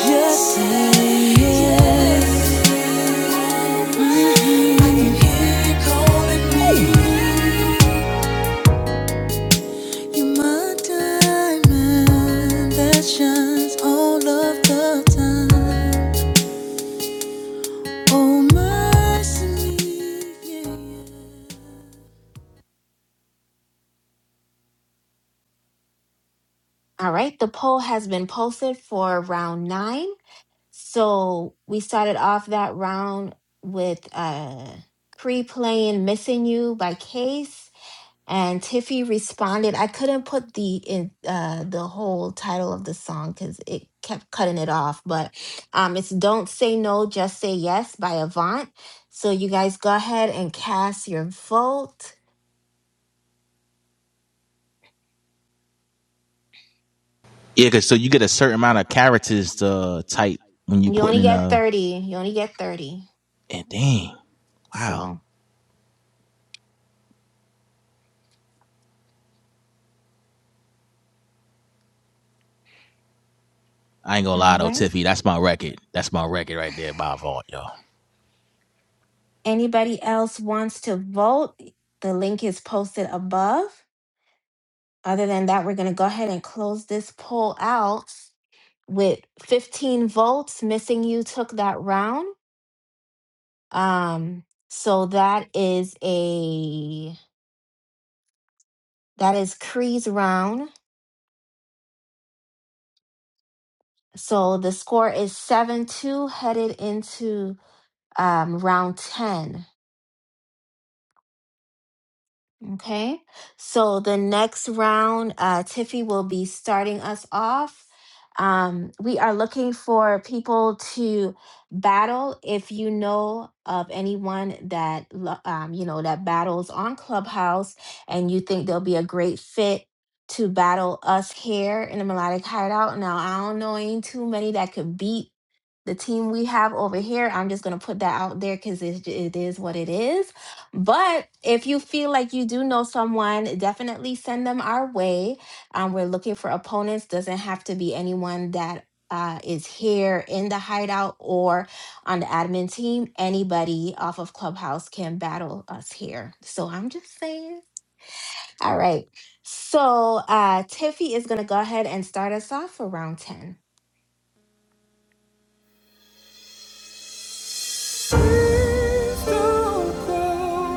[SPEAKER 6] just say yes. Mhm. I can hear you calling me. You're my diamond that shines all of the time. Oh, mercy me, yeah. yeah.
[SPEAKER 2] All right, the poll has been posted for round nine. So, we started off that round with uh, Cree playing Missing You by Case. And Tiffy responded. I couldn't put the in uh, the whole title of the song because it kept cutting it off. But um, it's "Don't Say No, Just Say Yes" by Avant. So you guys go ahead and cast your vote.
[SPEAKER 5] Yeah, because so you get a certain amount of characters to uh, type when you
[SPEAKER 2] You
[SPEAKER 5] putting
[SPEAKER 2] only
[SPEAKER 5] in
[SPEAKER 2] get
[SPEAKER 5] a.
[SPEAKER 2] thirty. You only get thirty.
[SPEAKER 5] And dang, wow.
[SPEAKER 2] So
[SPEAKER 5] I ain't gonna
[SPEAKER 2] all
[SPEAKER 5] lie though,
[SPEAKER 2] right.
[SPEAKER 5] Tiffy, that's my record. That's my record right there, by vault, y'all.
[SPEAKER 2] Anybody else wants to vote? The link is posted above. Other than that, we're gonna go ahead and close this poll out. with 15 votes. Missing you took that round. Um, so that is a that is Cree's round. So the score is 7-2 headed into um round 10. Okay, so the next round, uh, Tiffy will be starting us off. Um, we are looking for people to battle. If you know of anyone that lo- um, you know that battles on Clubhouse, and you think they'll be a great fit to battle us here in the Melodic Hideout. Now, I don't know any too many that could beat the team we have over here. I'm just gonna put that out there because it, it is what it is but if you feel like you do know someone, definitely send them our way. Um, we're looking for opponents. Doesn't have to be anyone that uh, is here in the hideout or on the admin team. Anybody off of Clubhouse can battle us here. So I'm just saying. All right. So uh, Tiffy is going to go ahead and start us off for round 10.
[SPEAKER 6] Please don't cry.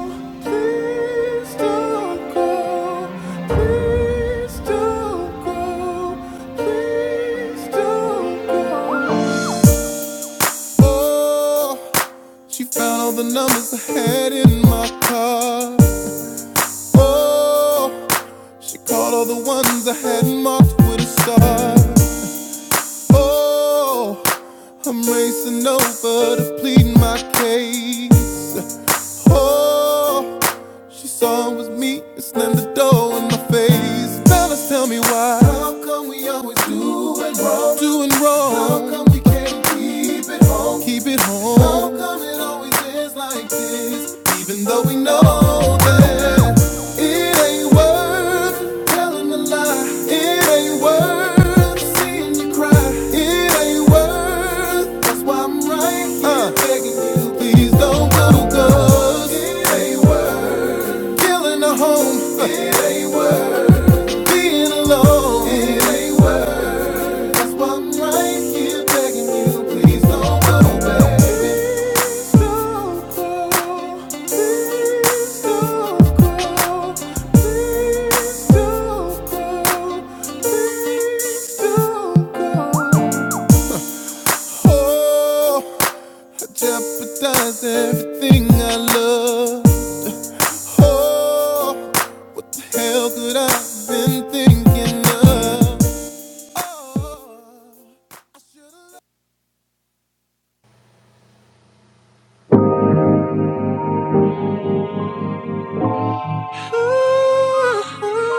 [SPEAKER 6] Don't be, it's not the my face. Fellas, tell me why. How come we always doing wrong? Doing wrong. How come we can't keep it home? Keep it home. How come it's like this? Even though that it is telling a lie. It is. That's why I'm right here uh. begging you, please don't go. 'cause it ain't worth killing a home. It ain't worth being alone. It ain't worth. That's why I'm right here begging you, please don't go, baby. Please don't go. Please don't go. Please don't go. Please. Oh, appetize everything I love. Oh, hell could I've been thinking of.
[SPEAKER 5] I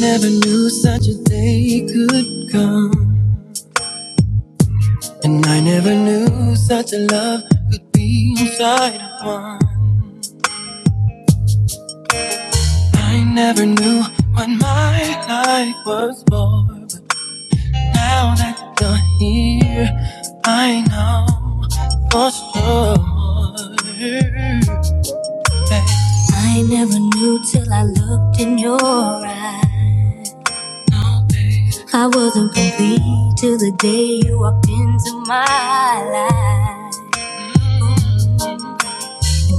[SPEAKER 5] never knew such a day could come. And I never knew such a love could be inside of one. I never knew what my life was for. But now that you're here, I know for sure that I never knew till I looked in your eyes. No, babe. I wasn't complete till the day you walked into my life.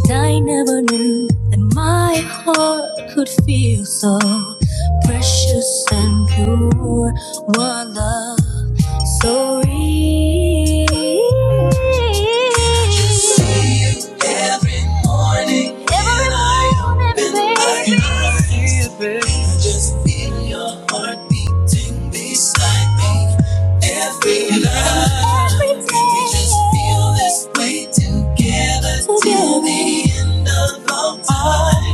[SPEAKER 5] I never knew that my heart could feel so precious and pure. One love, so real. Just see it Don't in my baby. eyes. it, Just feel your heart beating beside me. Every night, we just feel this way together till the end of our time.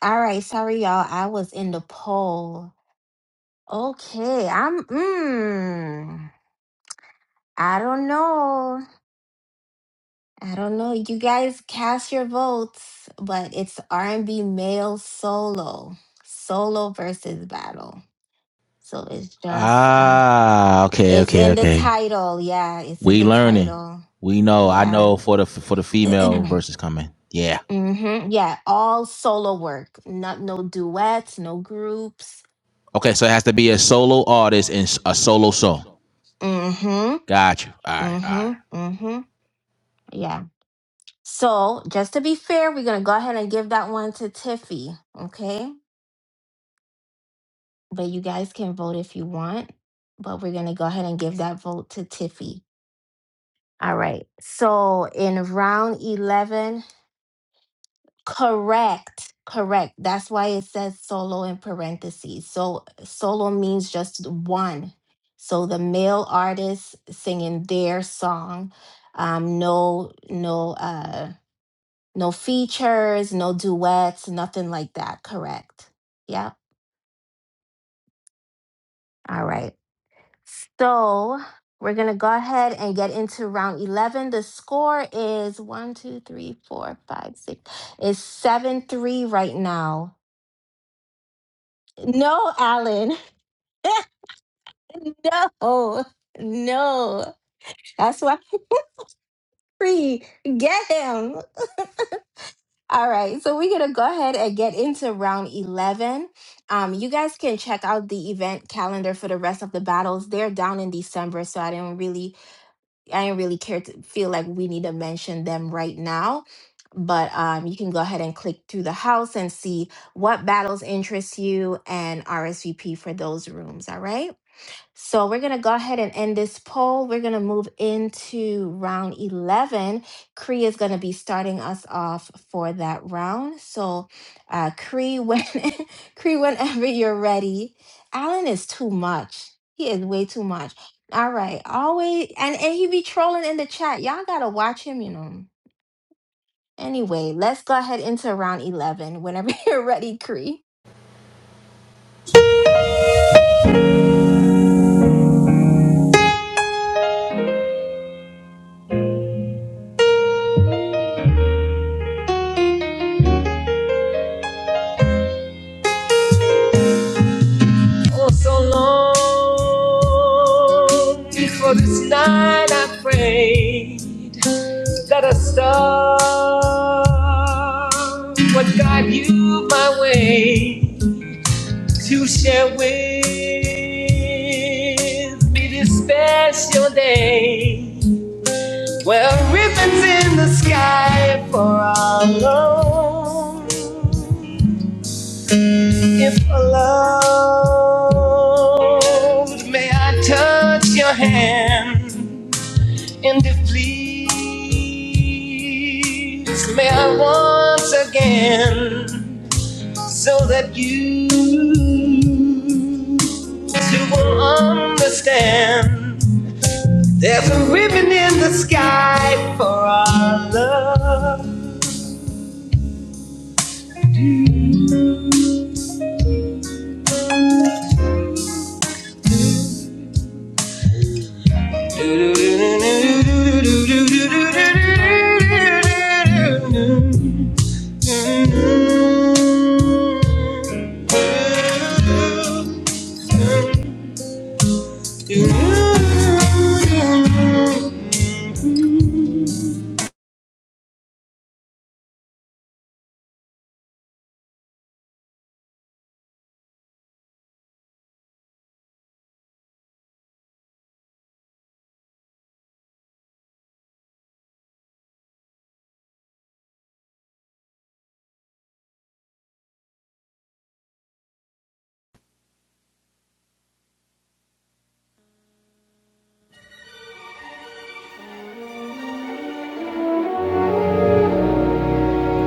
[SPEAKER 2] All right. Sorry, y'all. I was in the poll. Okay. I'm, mm, I don't know. I don't know. You guys cast your votes, but it's R&B male solo, solo versus battle. So it's just uh
[SPEAKER 5] Ah, okay,
[SPEAKER 2] it's
[SPEAKER 5] okay,
[SPEAKER 2] in the
[SPEAKER 5] okay.
[SPEAKER 2] title. Yeah, it's in
[SPEAKER 5] We
[SPEAKER 2] the
[SPEAKER 5] learning.
[SPEAKER 2] title.
[SPEAKER 5] We know. I
[SPEAKER 2] Yeah.
[SPEAKER 5] know for the for the female verses coming. Yeah.
[SPEAKER 2] Mhm. Yeah, all solo work. Not no duets, no groups.
[SPEAKER 5] Okay, so it has to be a solo artist and s- a solo song.
[SPEAKER 2] Mhm.
[SPEAKER 5] Got you. All right, all right.
[SPEAKER 2] Mhm. Mhm. Yeah. So, just to be fair, we're going to go ahead and give that one to Tiffy, okay? but you guys can vote if you want. But we're gonna go ahead and give that vote to Tiffy. All right. So in round eleven, correct, correct. That's why it says solo in parentheses. So solo means just one. So the male artist singing their song, um, no, no, uh, no features, no duets, nothing like that. Correct. Yeah. All right. So we're going to go ahead and get into round 11. The score is one, two, three, four, five, six. It's 7 3 right now. No, Alan. no, no. That's why three. Get him. All right, so we're gonna go ahead and get into round 11. Um, you guys can check out the event calendar for the rest of the battles. They're down in December, so I didn't really I didn't really care to feel like we need to mention them right now. But um, you can go ahead and click through the house and see what battles interest you and RSVP for those rooms. All right. So we're going to go ahead and end this poll. We're going to move into round 11. Cree is going to be starting us off for that round. So uh Cree when Cree whenever you're ready. Alan is too much. He is way too much. All right. Always and and he be trolling in the chat. Y'all got to watch him, you know. Anyway, let's go ahead into round 11 whenever you're ready, Cree.
[SPEAKER 5] Alone, if alone, may I touch your hand? And if please, may I once again, so that you too will understand. There's a ribbon in the sky for our love. Do do do do do do do do do do.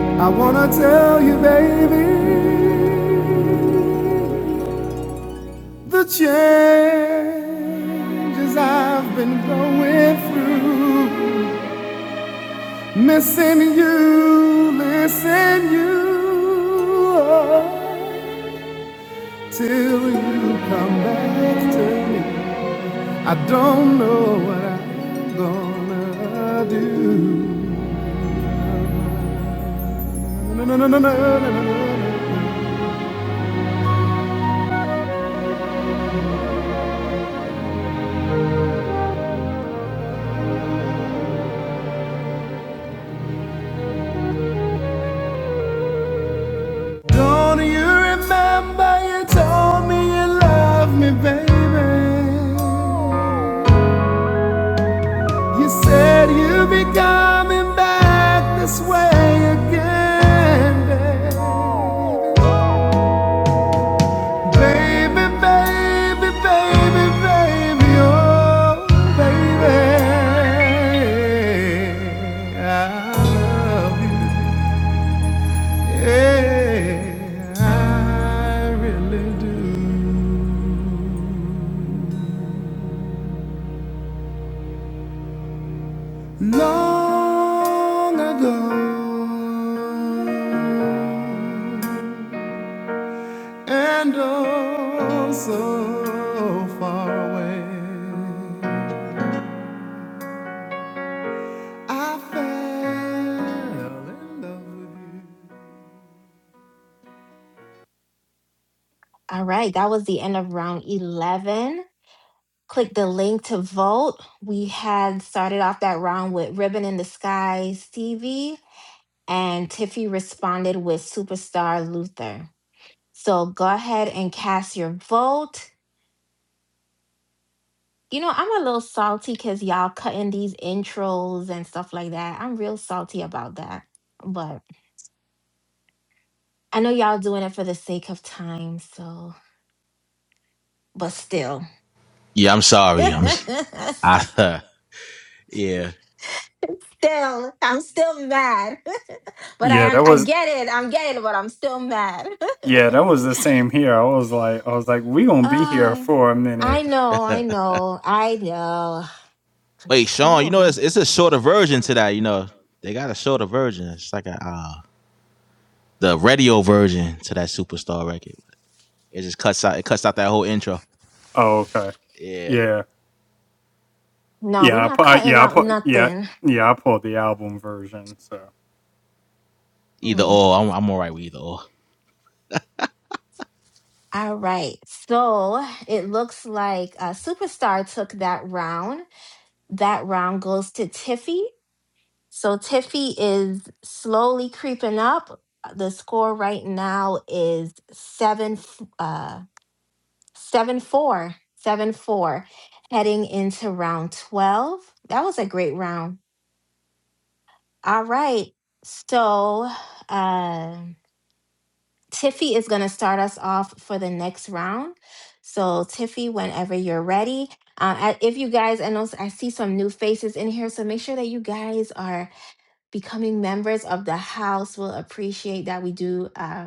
[SPEAKER 6] I wanna tell you, baby. The changes I've been going through, missing you, missing you. oh, till you come back to me, I don't know what I'm gonna do. No, no, no, no, no, no, no, no. no. Don't you remember you told me you loved me, baby? You said you'd be coming back this way again, baby. Baby, baby, baby, baby, oh, baby. I love you. Yeah, I really do. Long ago. and oh, so far away. I fell in love with you.
[SPEAKER 2] All right, that was the end of round 11. click the link to vote. We had started off that round with Ribbon in the Sky, Stevie, and Tiffy responded with Superstar Luther. So go ahead and cast your vote. You know, I'm a little salty because y'all cutting these intros and stuff like that. I'm real salty about that. But I know y'all doing it for the sake of time, so, but still.
[SPEAKER 5] Yeah, I'm sorry. I'm. I, uh, Yeah.
[SPEAKER 2] still I'm still mad. but
[SPEAKER 6] Yeah,
[SPEAKER 2] I am-
[SPEAKER 6] that
[SPEAKER 2] I
[SPEAKER 6] was
[SPEAKER 2] get it. I'm getting it, but I'm still mad.
[SPEAKER 6] yeah, that was the same here. I was like, I was like, we gonna be here
[SPEAKER 2] ah,
[SPEAKER 6] for a
[SPEAKER 2] I
[SPEAKER 6] minute.
[SPEAKER 2] know, I know, I know. But
[SPEAKER 5] Wait, Sean, you
[SPEAKER 2] still,
[SPEAKER 5] know it's
[SPEAKER 2] man.
[SPEAKER 5] it's a shorter version to that, you know. They got a shorter version. It's like a uh the radio version to that superstar record. It just cuts out it cuts out that whole intro.
[SPEAKER 6] Oh, okay.
[SPEAKER 5] Yeah.
[SPEAKER 6] Yeah,
[SPEAKER 2] No, we're
[SPEAKER 6] yeah, I,
[SPEAKER 2] not
[SPEAKER 6] pu-
[SPEAKER 2] cutting
[SPEAKER 6] yeah, I
[SPEAKER 2] out
[SPEAKER 6] pu- yeah,
[SPEAKER 2] nothing.
[SPEAKER 6] yeah. I pulled the album version. So
[SPEAKER 5] Either
[SPEAKER 2] Mm.
[SPEAKER 5] or. I'm I'm alright with either or.
[SPEAKER 2] All right. So it looks like uh, Superstar took that round. That round goes to Tiffy. So Tiffy is slowly creeping up. The score right now is seven. f- uh, Seven four, seven four, heading into round 12. That was a great round. All right. So, uh, Tiffy is going to start us off for the next round. So, Tiffy, whenever you're ready, uh, I- if you guys, I know I see some new faces in here, so make sure that you guys are becoming members of the house. We'll appreciate that we do. Uh,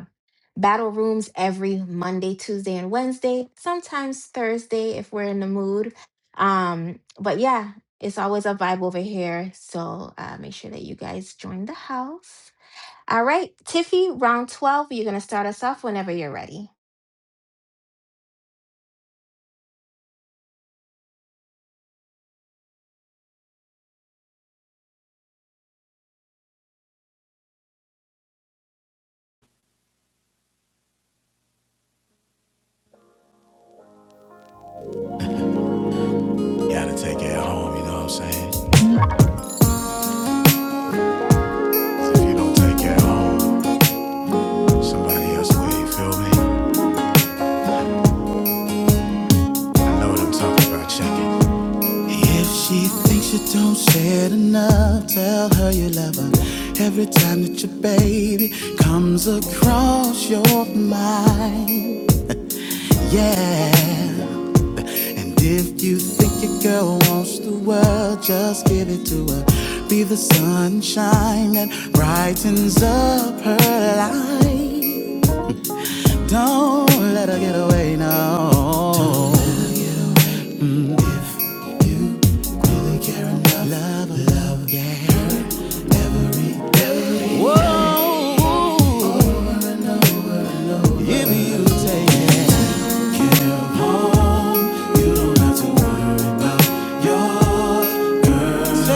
[SPEAKER 2] Battle rooms every Monday, Tuesday, and Wednesday, sometimes Thursday if we're in the mood. Um, but yeah, it's always a vibe over here. So uh, make sure that you guys join the house. All right, Tiffy, round 12. You're going to start us off whenever you're ready.
[SPEAKER 6] you gotta take it home, you know what I'm saying? 'Cause If you don't take it home, somebody else will, you feel me? I know what I'm talking about, check it. If she thinks you don't share enough, tell her you love her. Every time that your baby comes across your mind, yeah. And if you think your girl wants the world, just give it to her. Be the sunshine that brightens up her life. Don't let her get away, no. Oh,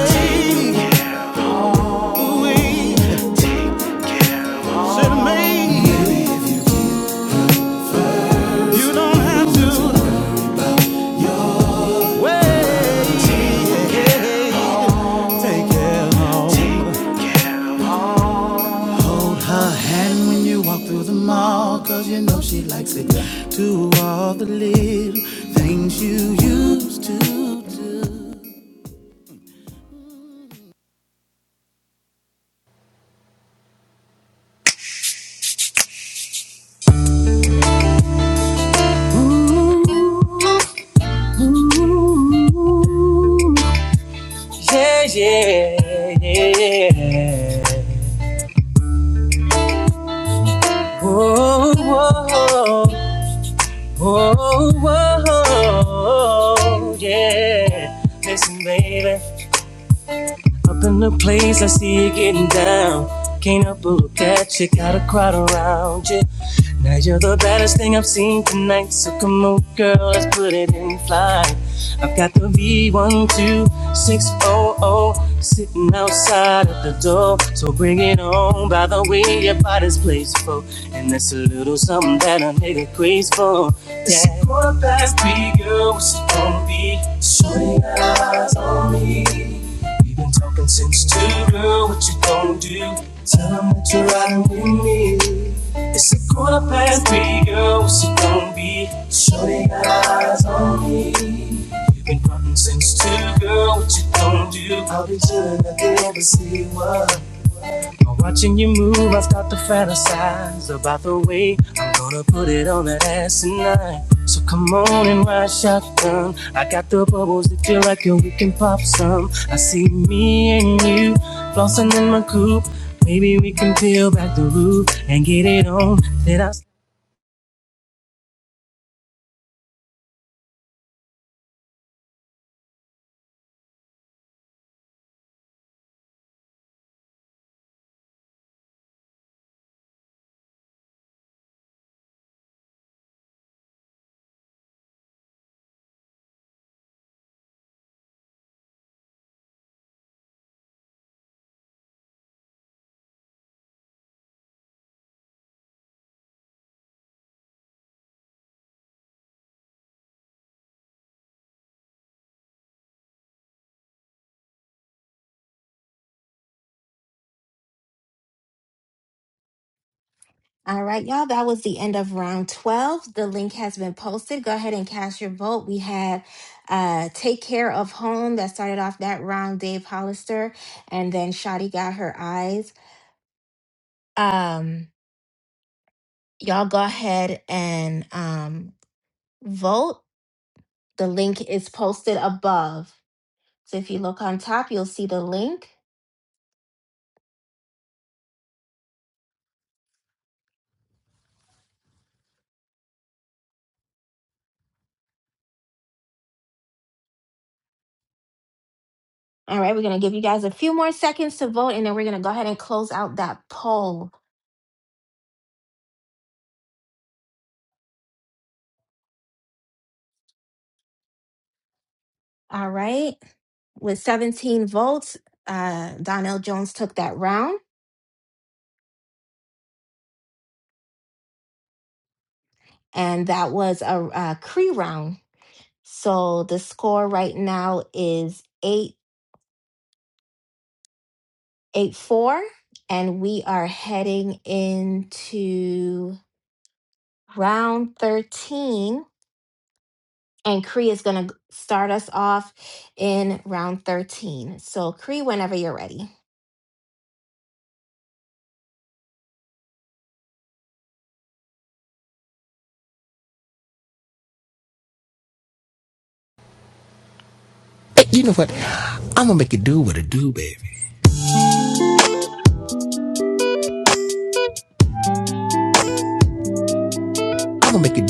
[SPEAKER 6] we can make Her hand when you walk through the mall, cause you know she likes it. Do all the little things you used to do.
[SPEAKER 5] Yeah, yeah, yeah, yeah. Jesus, he can up that crowd around you. Now you're the baddest thing I've seen tonight. So come on, girls, put it in fly. Got the V12600 sitting outside of the door. So bring it on by the way your body's playful, And that's a little something that a nigga craves for. It's a quarter past three, girl. What's it gonna be? Shorty got her eyes on me. We've been talking since two, girl. What you gonna do? Tell 'em that you're riding with me. It's a quarter past three, girl. What's it gonna be? Shorty got her eyes on me. Been common since two, girl, what you gon' do? I'll be chillin' at the embassy, what? By watching you move, I start to fantasize about the way I'm gonna put it on that ass tonight. So come on and ride shotgun. I got the bubbles that feel like it, we can pop some. I see me and you flossing in my coupe. Maybe we can peel back the roof and get it on. Then I
[SPEAKER 2] All right, y'all, that was the end of round 12. The link has been posted. Go ahead and cast your vote. We had uh, Take Care of Home that started off that round, Dave Hollister, and then Shotty got her eyes. Um, y'all go ahead and um, vote. The link is posted above. So if you look on top, you'll see the link. All right, we're going to give you guys a few more seconds to vote, and then we're going to go ahead and close out that poll. All right, with 17 votes, uh, Donnell Jones took that round, and that was a, a Cree round. So the score right now is eight eight four, and we are heading into round 13. And Cree is going to start us off in round 13. So, Cree, whenever you're ready.
[SPEAKER 5] Hey, you know what? I'm gonna make it do. I'm gonna make it.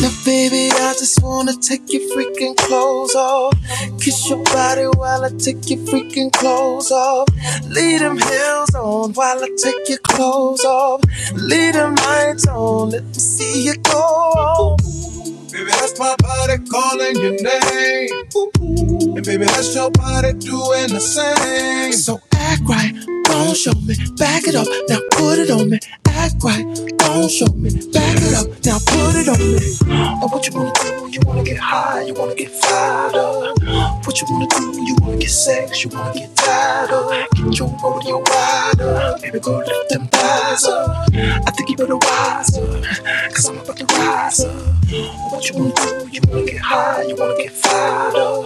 [SPEAKER 5] Now, baby, I just wanna take your freaking clothes off. Kiss your body while I take your freaking clothes off. Leave them heels on while I take your clothes off. Leave them lights on, let me see you go on. Baby, that's my body calling your name. And baby, that's your body doing the same. So act right, don't show me. Back it up, now put it on me. Act right, don't show me. Back it up, now put it on me. Oh, what you wanna do? You wanna get high, you wanna get fired up. What you wanna do? You wanna get sex, you wanna get tired up. Get your rodeo wide up. Baby girl, lift them thighs up. I think you better rise up, cause I'm about to rise up. Oh, what you wanna do? You wanna get high, you wanna get fired up.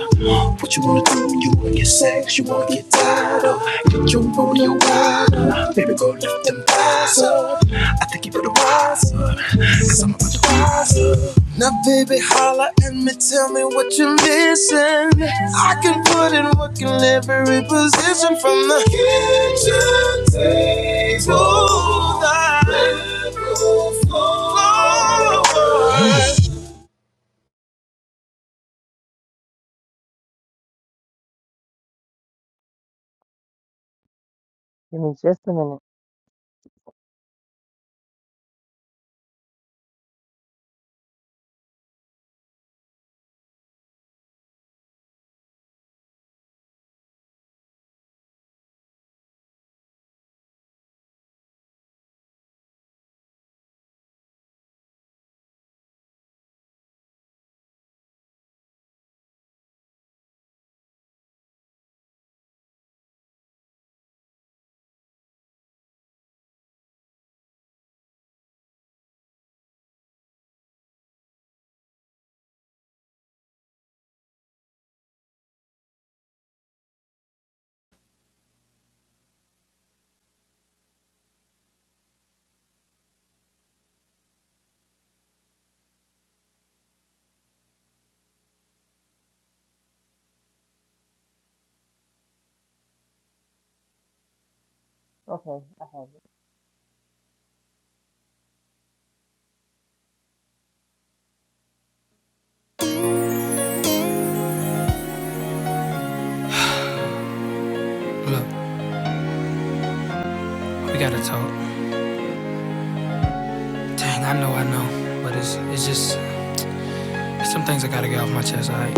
[SPEAKER 5] What you wanna do? You wanna get sex, you wanna get tired up. Get your rodeo wide up. Baby girl, lift them thighs up. I think you better rise up, cause I'm about to rise up. Now, baby, holla at me, tell me what you're missing. I can put in work in every position from the kitchen table to the bedroom floor. All I
[SPEAKER 4] Give me just a minute. Okay, I have it.
[SPEAKER 6] Look, we gotta talk. Dang, I know, I know, but it's it's just some things I gotta get off my chest. All right.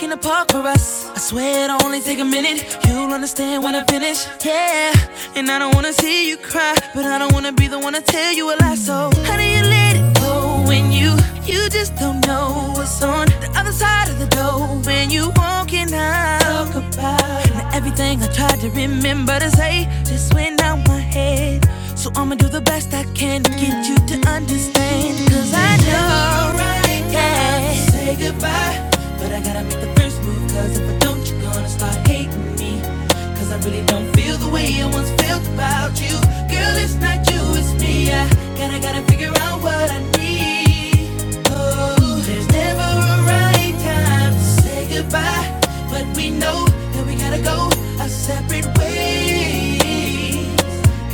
[SPEAKER 6] In the park for us. stand when I finish, yeah. And I don't wanna see you cry, but I don't wanna be the one to tell you a lie. So how do you let it go when you you just don't know what's on the other side of the door when you walking out? Talk about now everything I tried to remember to say just went out my head. So I'ma do the best I can to get you to understand. Cause I know, right, yeah. Say goodbye, but I gotta make the first move. Cause if I don't, you're gonna start hating me. Cause I really don't feel the way I once felt about you. Girl, it's not you, it's me. I gotta, gotta figure out what I need. Oh, there's never a right time to say goodbye. But we know that we gotta go our separate ways.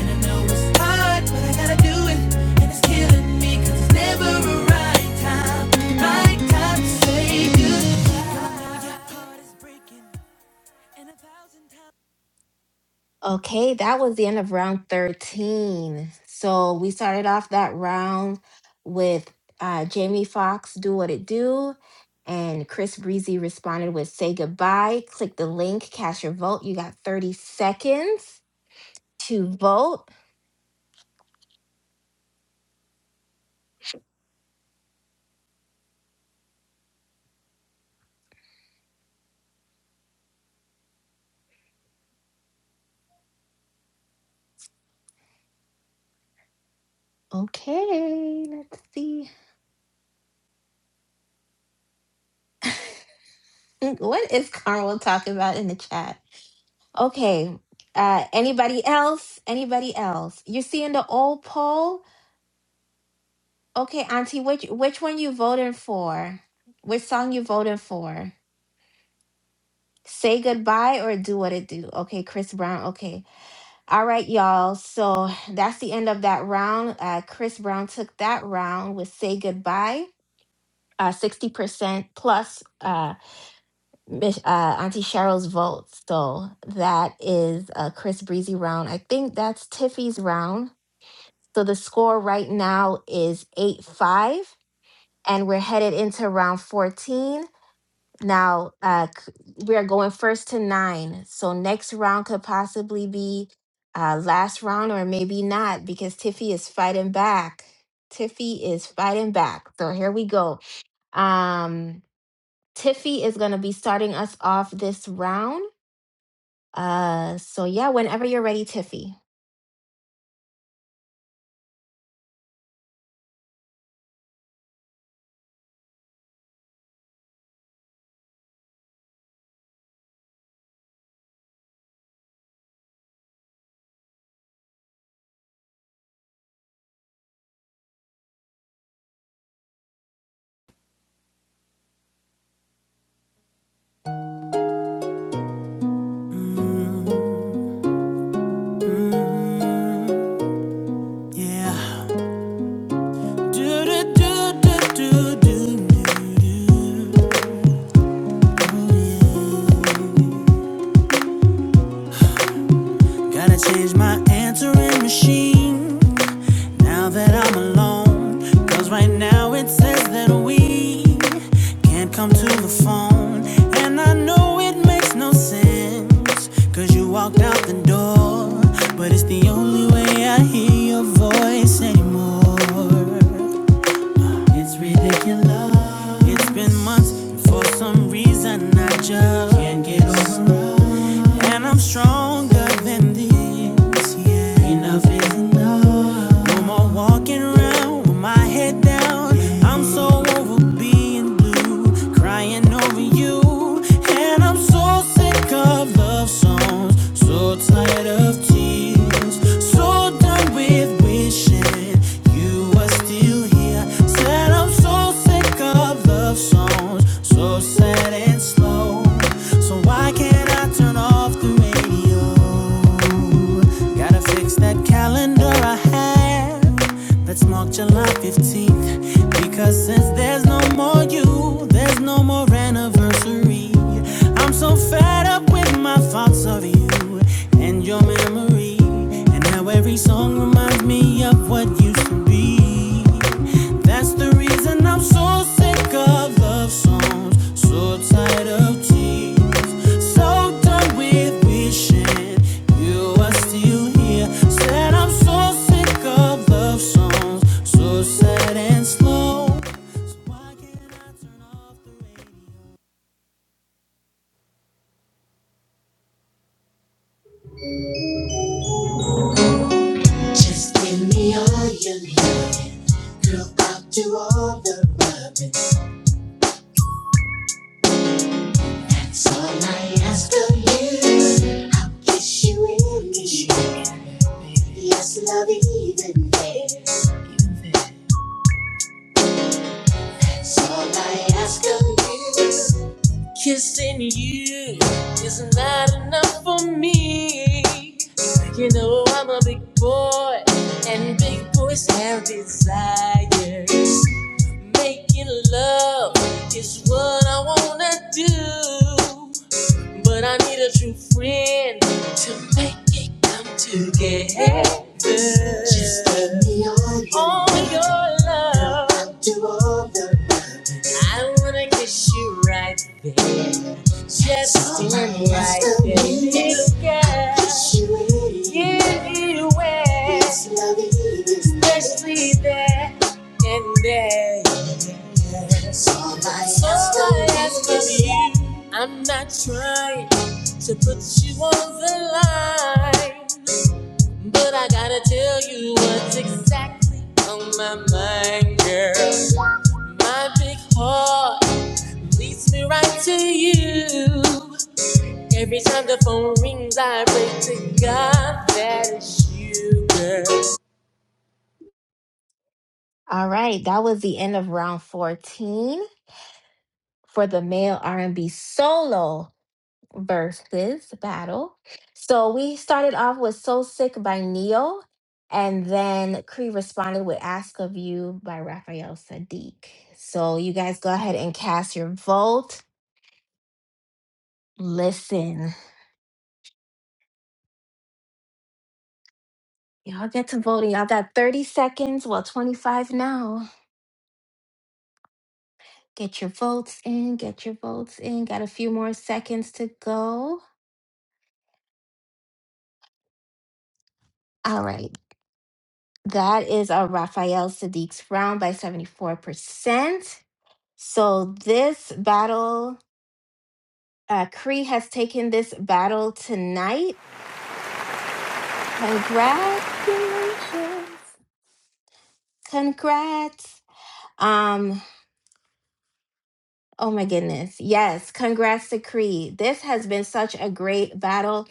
[SPEAKER 6] And I know it's hard, but I gotta do it. And it's killing me 'cause it's never a right time. Right time to say,
[SPEAKER 2] Okay, that was the end of round 13. So, we started off that round with uh, Jamie Foxx, Do What It Do. And Chris Breezy responded with Say Goodbye. Click the link, cast your vote. You got 30 seconds to vote. Okay, let's see. What is Carmel talking about in the chat? Okay. Uh, anybody else? Anybody else? You seeing the old poll? Okay, Auntie, which which one you voting for? Which song you voting for? Say goodbye or do what it do. Okay, Chris Brown. Okay. All right, y'all. So that's the end of that round. Uh, Chris Brown took that round with Say Goodbye. Uh, 60% plus uh, Miss- uh, Auntie Cheryl's vote. So that is uh, Chris Breezy round. I think that's Tiffy's round. So the score right now is 8 5, and we're headed into round 14. Now, uh, c- we are going first to nine. So next round could possibly be uh, last round or maybe not because Tiffy is fighting back. Tiffy is fighting back. So here we go. Um, Tiffy is going to be starting us off this round. Uh, so yeah, whenever you're ready, Tiffy.
[SPEAKER 6] yeah. Do, do, do, do, do, do, do. Gotta change my answering machine now that I'm alone. Cause right now it says that we can't come to the phone. And I know it makes no sense. Cause you walked out the door. But it's the only way I hear your voice anymore. It's ridiculous. It's been months, and for some reason I just can't get over. And I'm stronger than this. Yeah. Enough is enough. No more walking around with my head down. I'm so over being blue, crying over you. And I'm so sick of love songs, so tired of tears, so done with wishing you were still here. Said I'm so sick of love songs, so sad and slow. So why can't I turn off the radio? Gotta fix that calendar I have. That's marked July 15th. Because since there's no more you, there's no more anniversary. I'm so fed up with my thoughts of you you and your memory, and how every song reminds me of what used to be. That's the reason I'm so sick of love songs, so tired of tears, so done with wishing you are still here. Said I'm so sick of love songs, so sad and slow. So why can't I turn off the radio?
[SPEAKER 5] ask of you, I'll kiss you in me. Yes, love, even there. All I ask of you. Kissing you is not enough for me. You know I'm a big boy, and big boys have desires. Making love is what I wanna do, but I need a true friend to make it come together. Just give me all your love. I wanna kiss you right there. Just in like this girl, give it away, especially there and there. All I ask from you, I'm not trying to put you on the line, but I gotta tell you what's exactly on my mind, girl. My big heart leads me right to you. Every time the phone rings, I pray to God that it's you, girl.
[SPEAKER 2] All right, that was the end of round 14. for the male R&B solo versus battle. So we started off with So Sick by Neo, and then Cree responded with Ask of You by Raphael Sadiq. So you guys go ahead and cast your vote. Listen, y'all get to voting. Y'all got 30 seconds, well, 25 now. Get your votes in, get your votes in. Got a few more seconds to go. All right. That is a Raphael Sadiq's round by 74%. So this battle, uh, Cree has taken this battle tonight. Congratulations. Congrats. Um, oh my goodness. Yes, congrats to Cree. This has been such a great battle.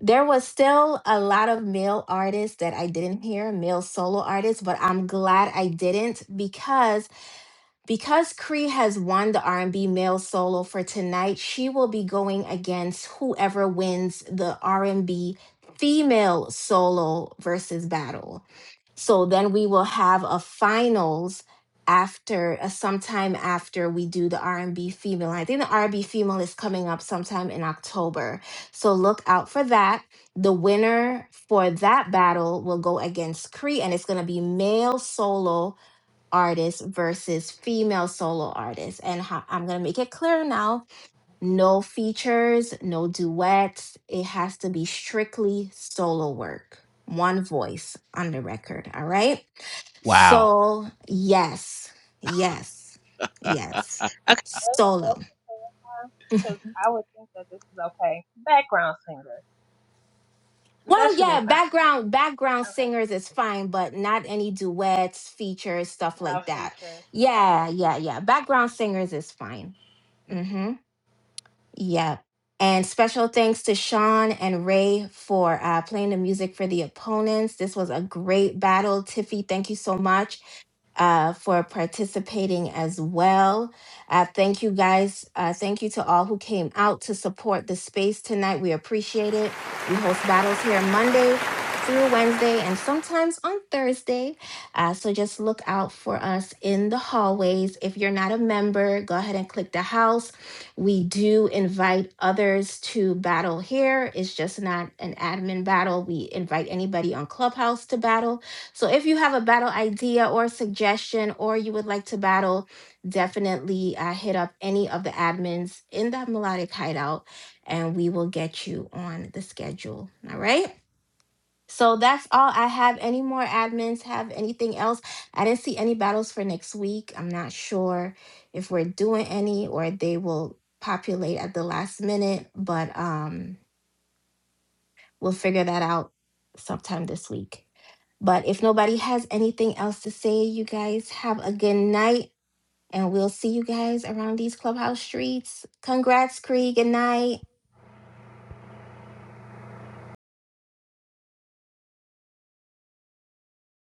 [SPEAKER 2] There was still a lot of male artists that I didn't hear, male solo artists, but I'm glad I didn't because Because Cree has won the R&B male solo for tonight, she will be going against whoever wins the R&B female solo versus battle. So then we will have a finals after uh, sometime after we do the R&B female. I think the R&B female is coming up sometime in October. So look out for that. The winner for that battle will go against Cree and it's going to be male solo artists versus female solo artists. And how, I'm going to make it clear now no features, no duets. It has to be strictly solo work, one voice on the record. All right.
[SPEAKER 5] Wow.
[SPEAKER 2] So, yes, yes, yes,
[SPEAKER 3] okay. Let me
[SPEAKER 2] solo.
[SPEAKER 3] ask to clarify, because I would think that this is okay. Background singers. That
[SPEAKER 2] Well,
[SPEAKER 3] should be
[SPEAKER 2] yeah,
[SPEAKER 3] fine, right?
[SPEAKER 2] background background
[SPEAKER 3] Okay.
[SPEAKER 2] singers is fine, but not any duets, features, stuff
[SPEAKER 3] No
[SPEAKER 2] like that.
[SPEAKER 3] features. Okay,
[SPEAKER 2] Yeah,
[SPEAKER 3] Cool.
[SPEAKER 2] yeah, yeah. Background singers is fine. hmm Yeah. And special thanks to Sean and Ray for uh, playing the music for the opponents. This was a great battle. Tiffy, thank you so much uh, for participating as well. Uh, thank you guys. Uh, thank you to all who came out to support the space tonight. We appreciate it. We host battles here Monday through Wednesday and sometimes on Thursday. Uh, so just look out for us in the hallways. If you're not a member, go ahead and click the house. We do invite others to battle here. It's just not an admin battle. We invite anybody on Clubhouse to battle so if you have a battle idea or suggestion, or you would like to battle, definitely uh, hit up any of the admins in that melodic hideout and we will get you on the schedule. All right. So that's all I have. Any more admins have anything else? I didn't see any battles for next week. I'm not sure if we're doing any or they will populate at the last minute, but um We'll figure that out sometime this week. But if nobody has anything else to say, you guys have a good night and we'll see you guys around these clubhouse streets. Congrats, Cree. Good night.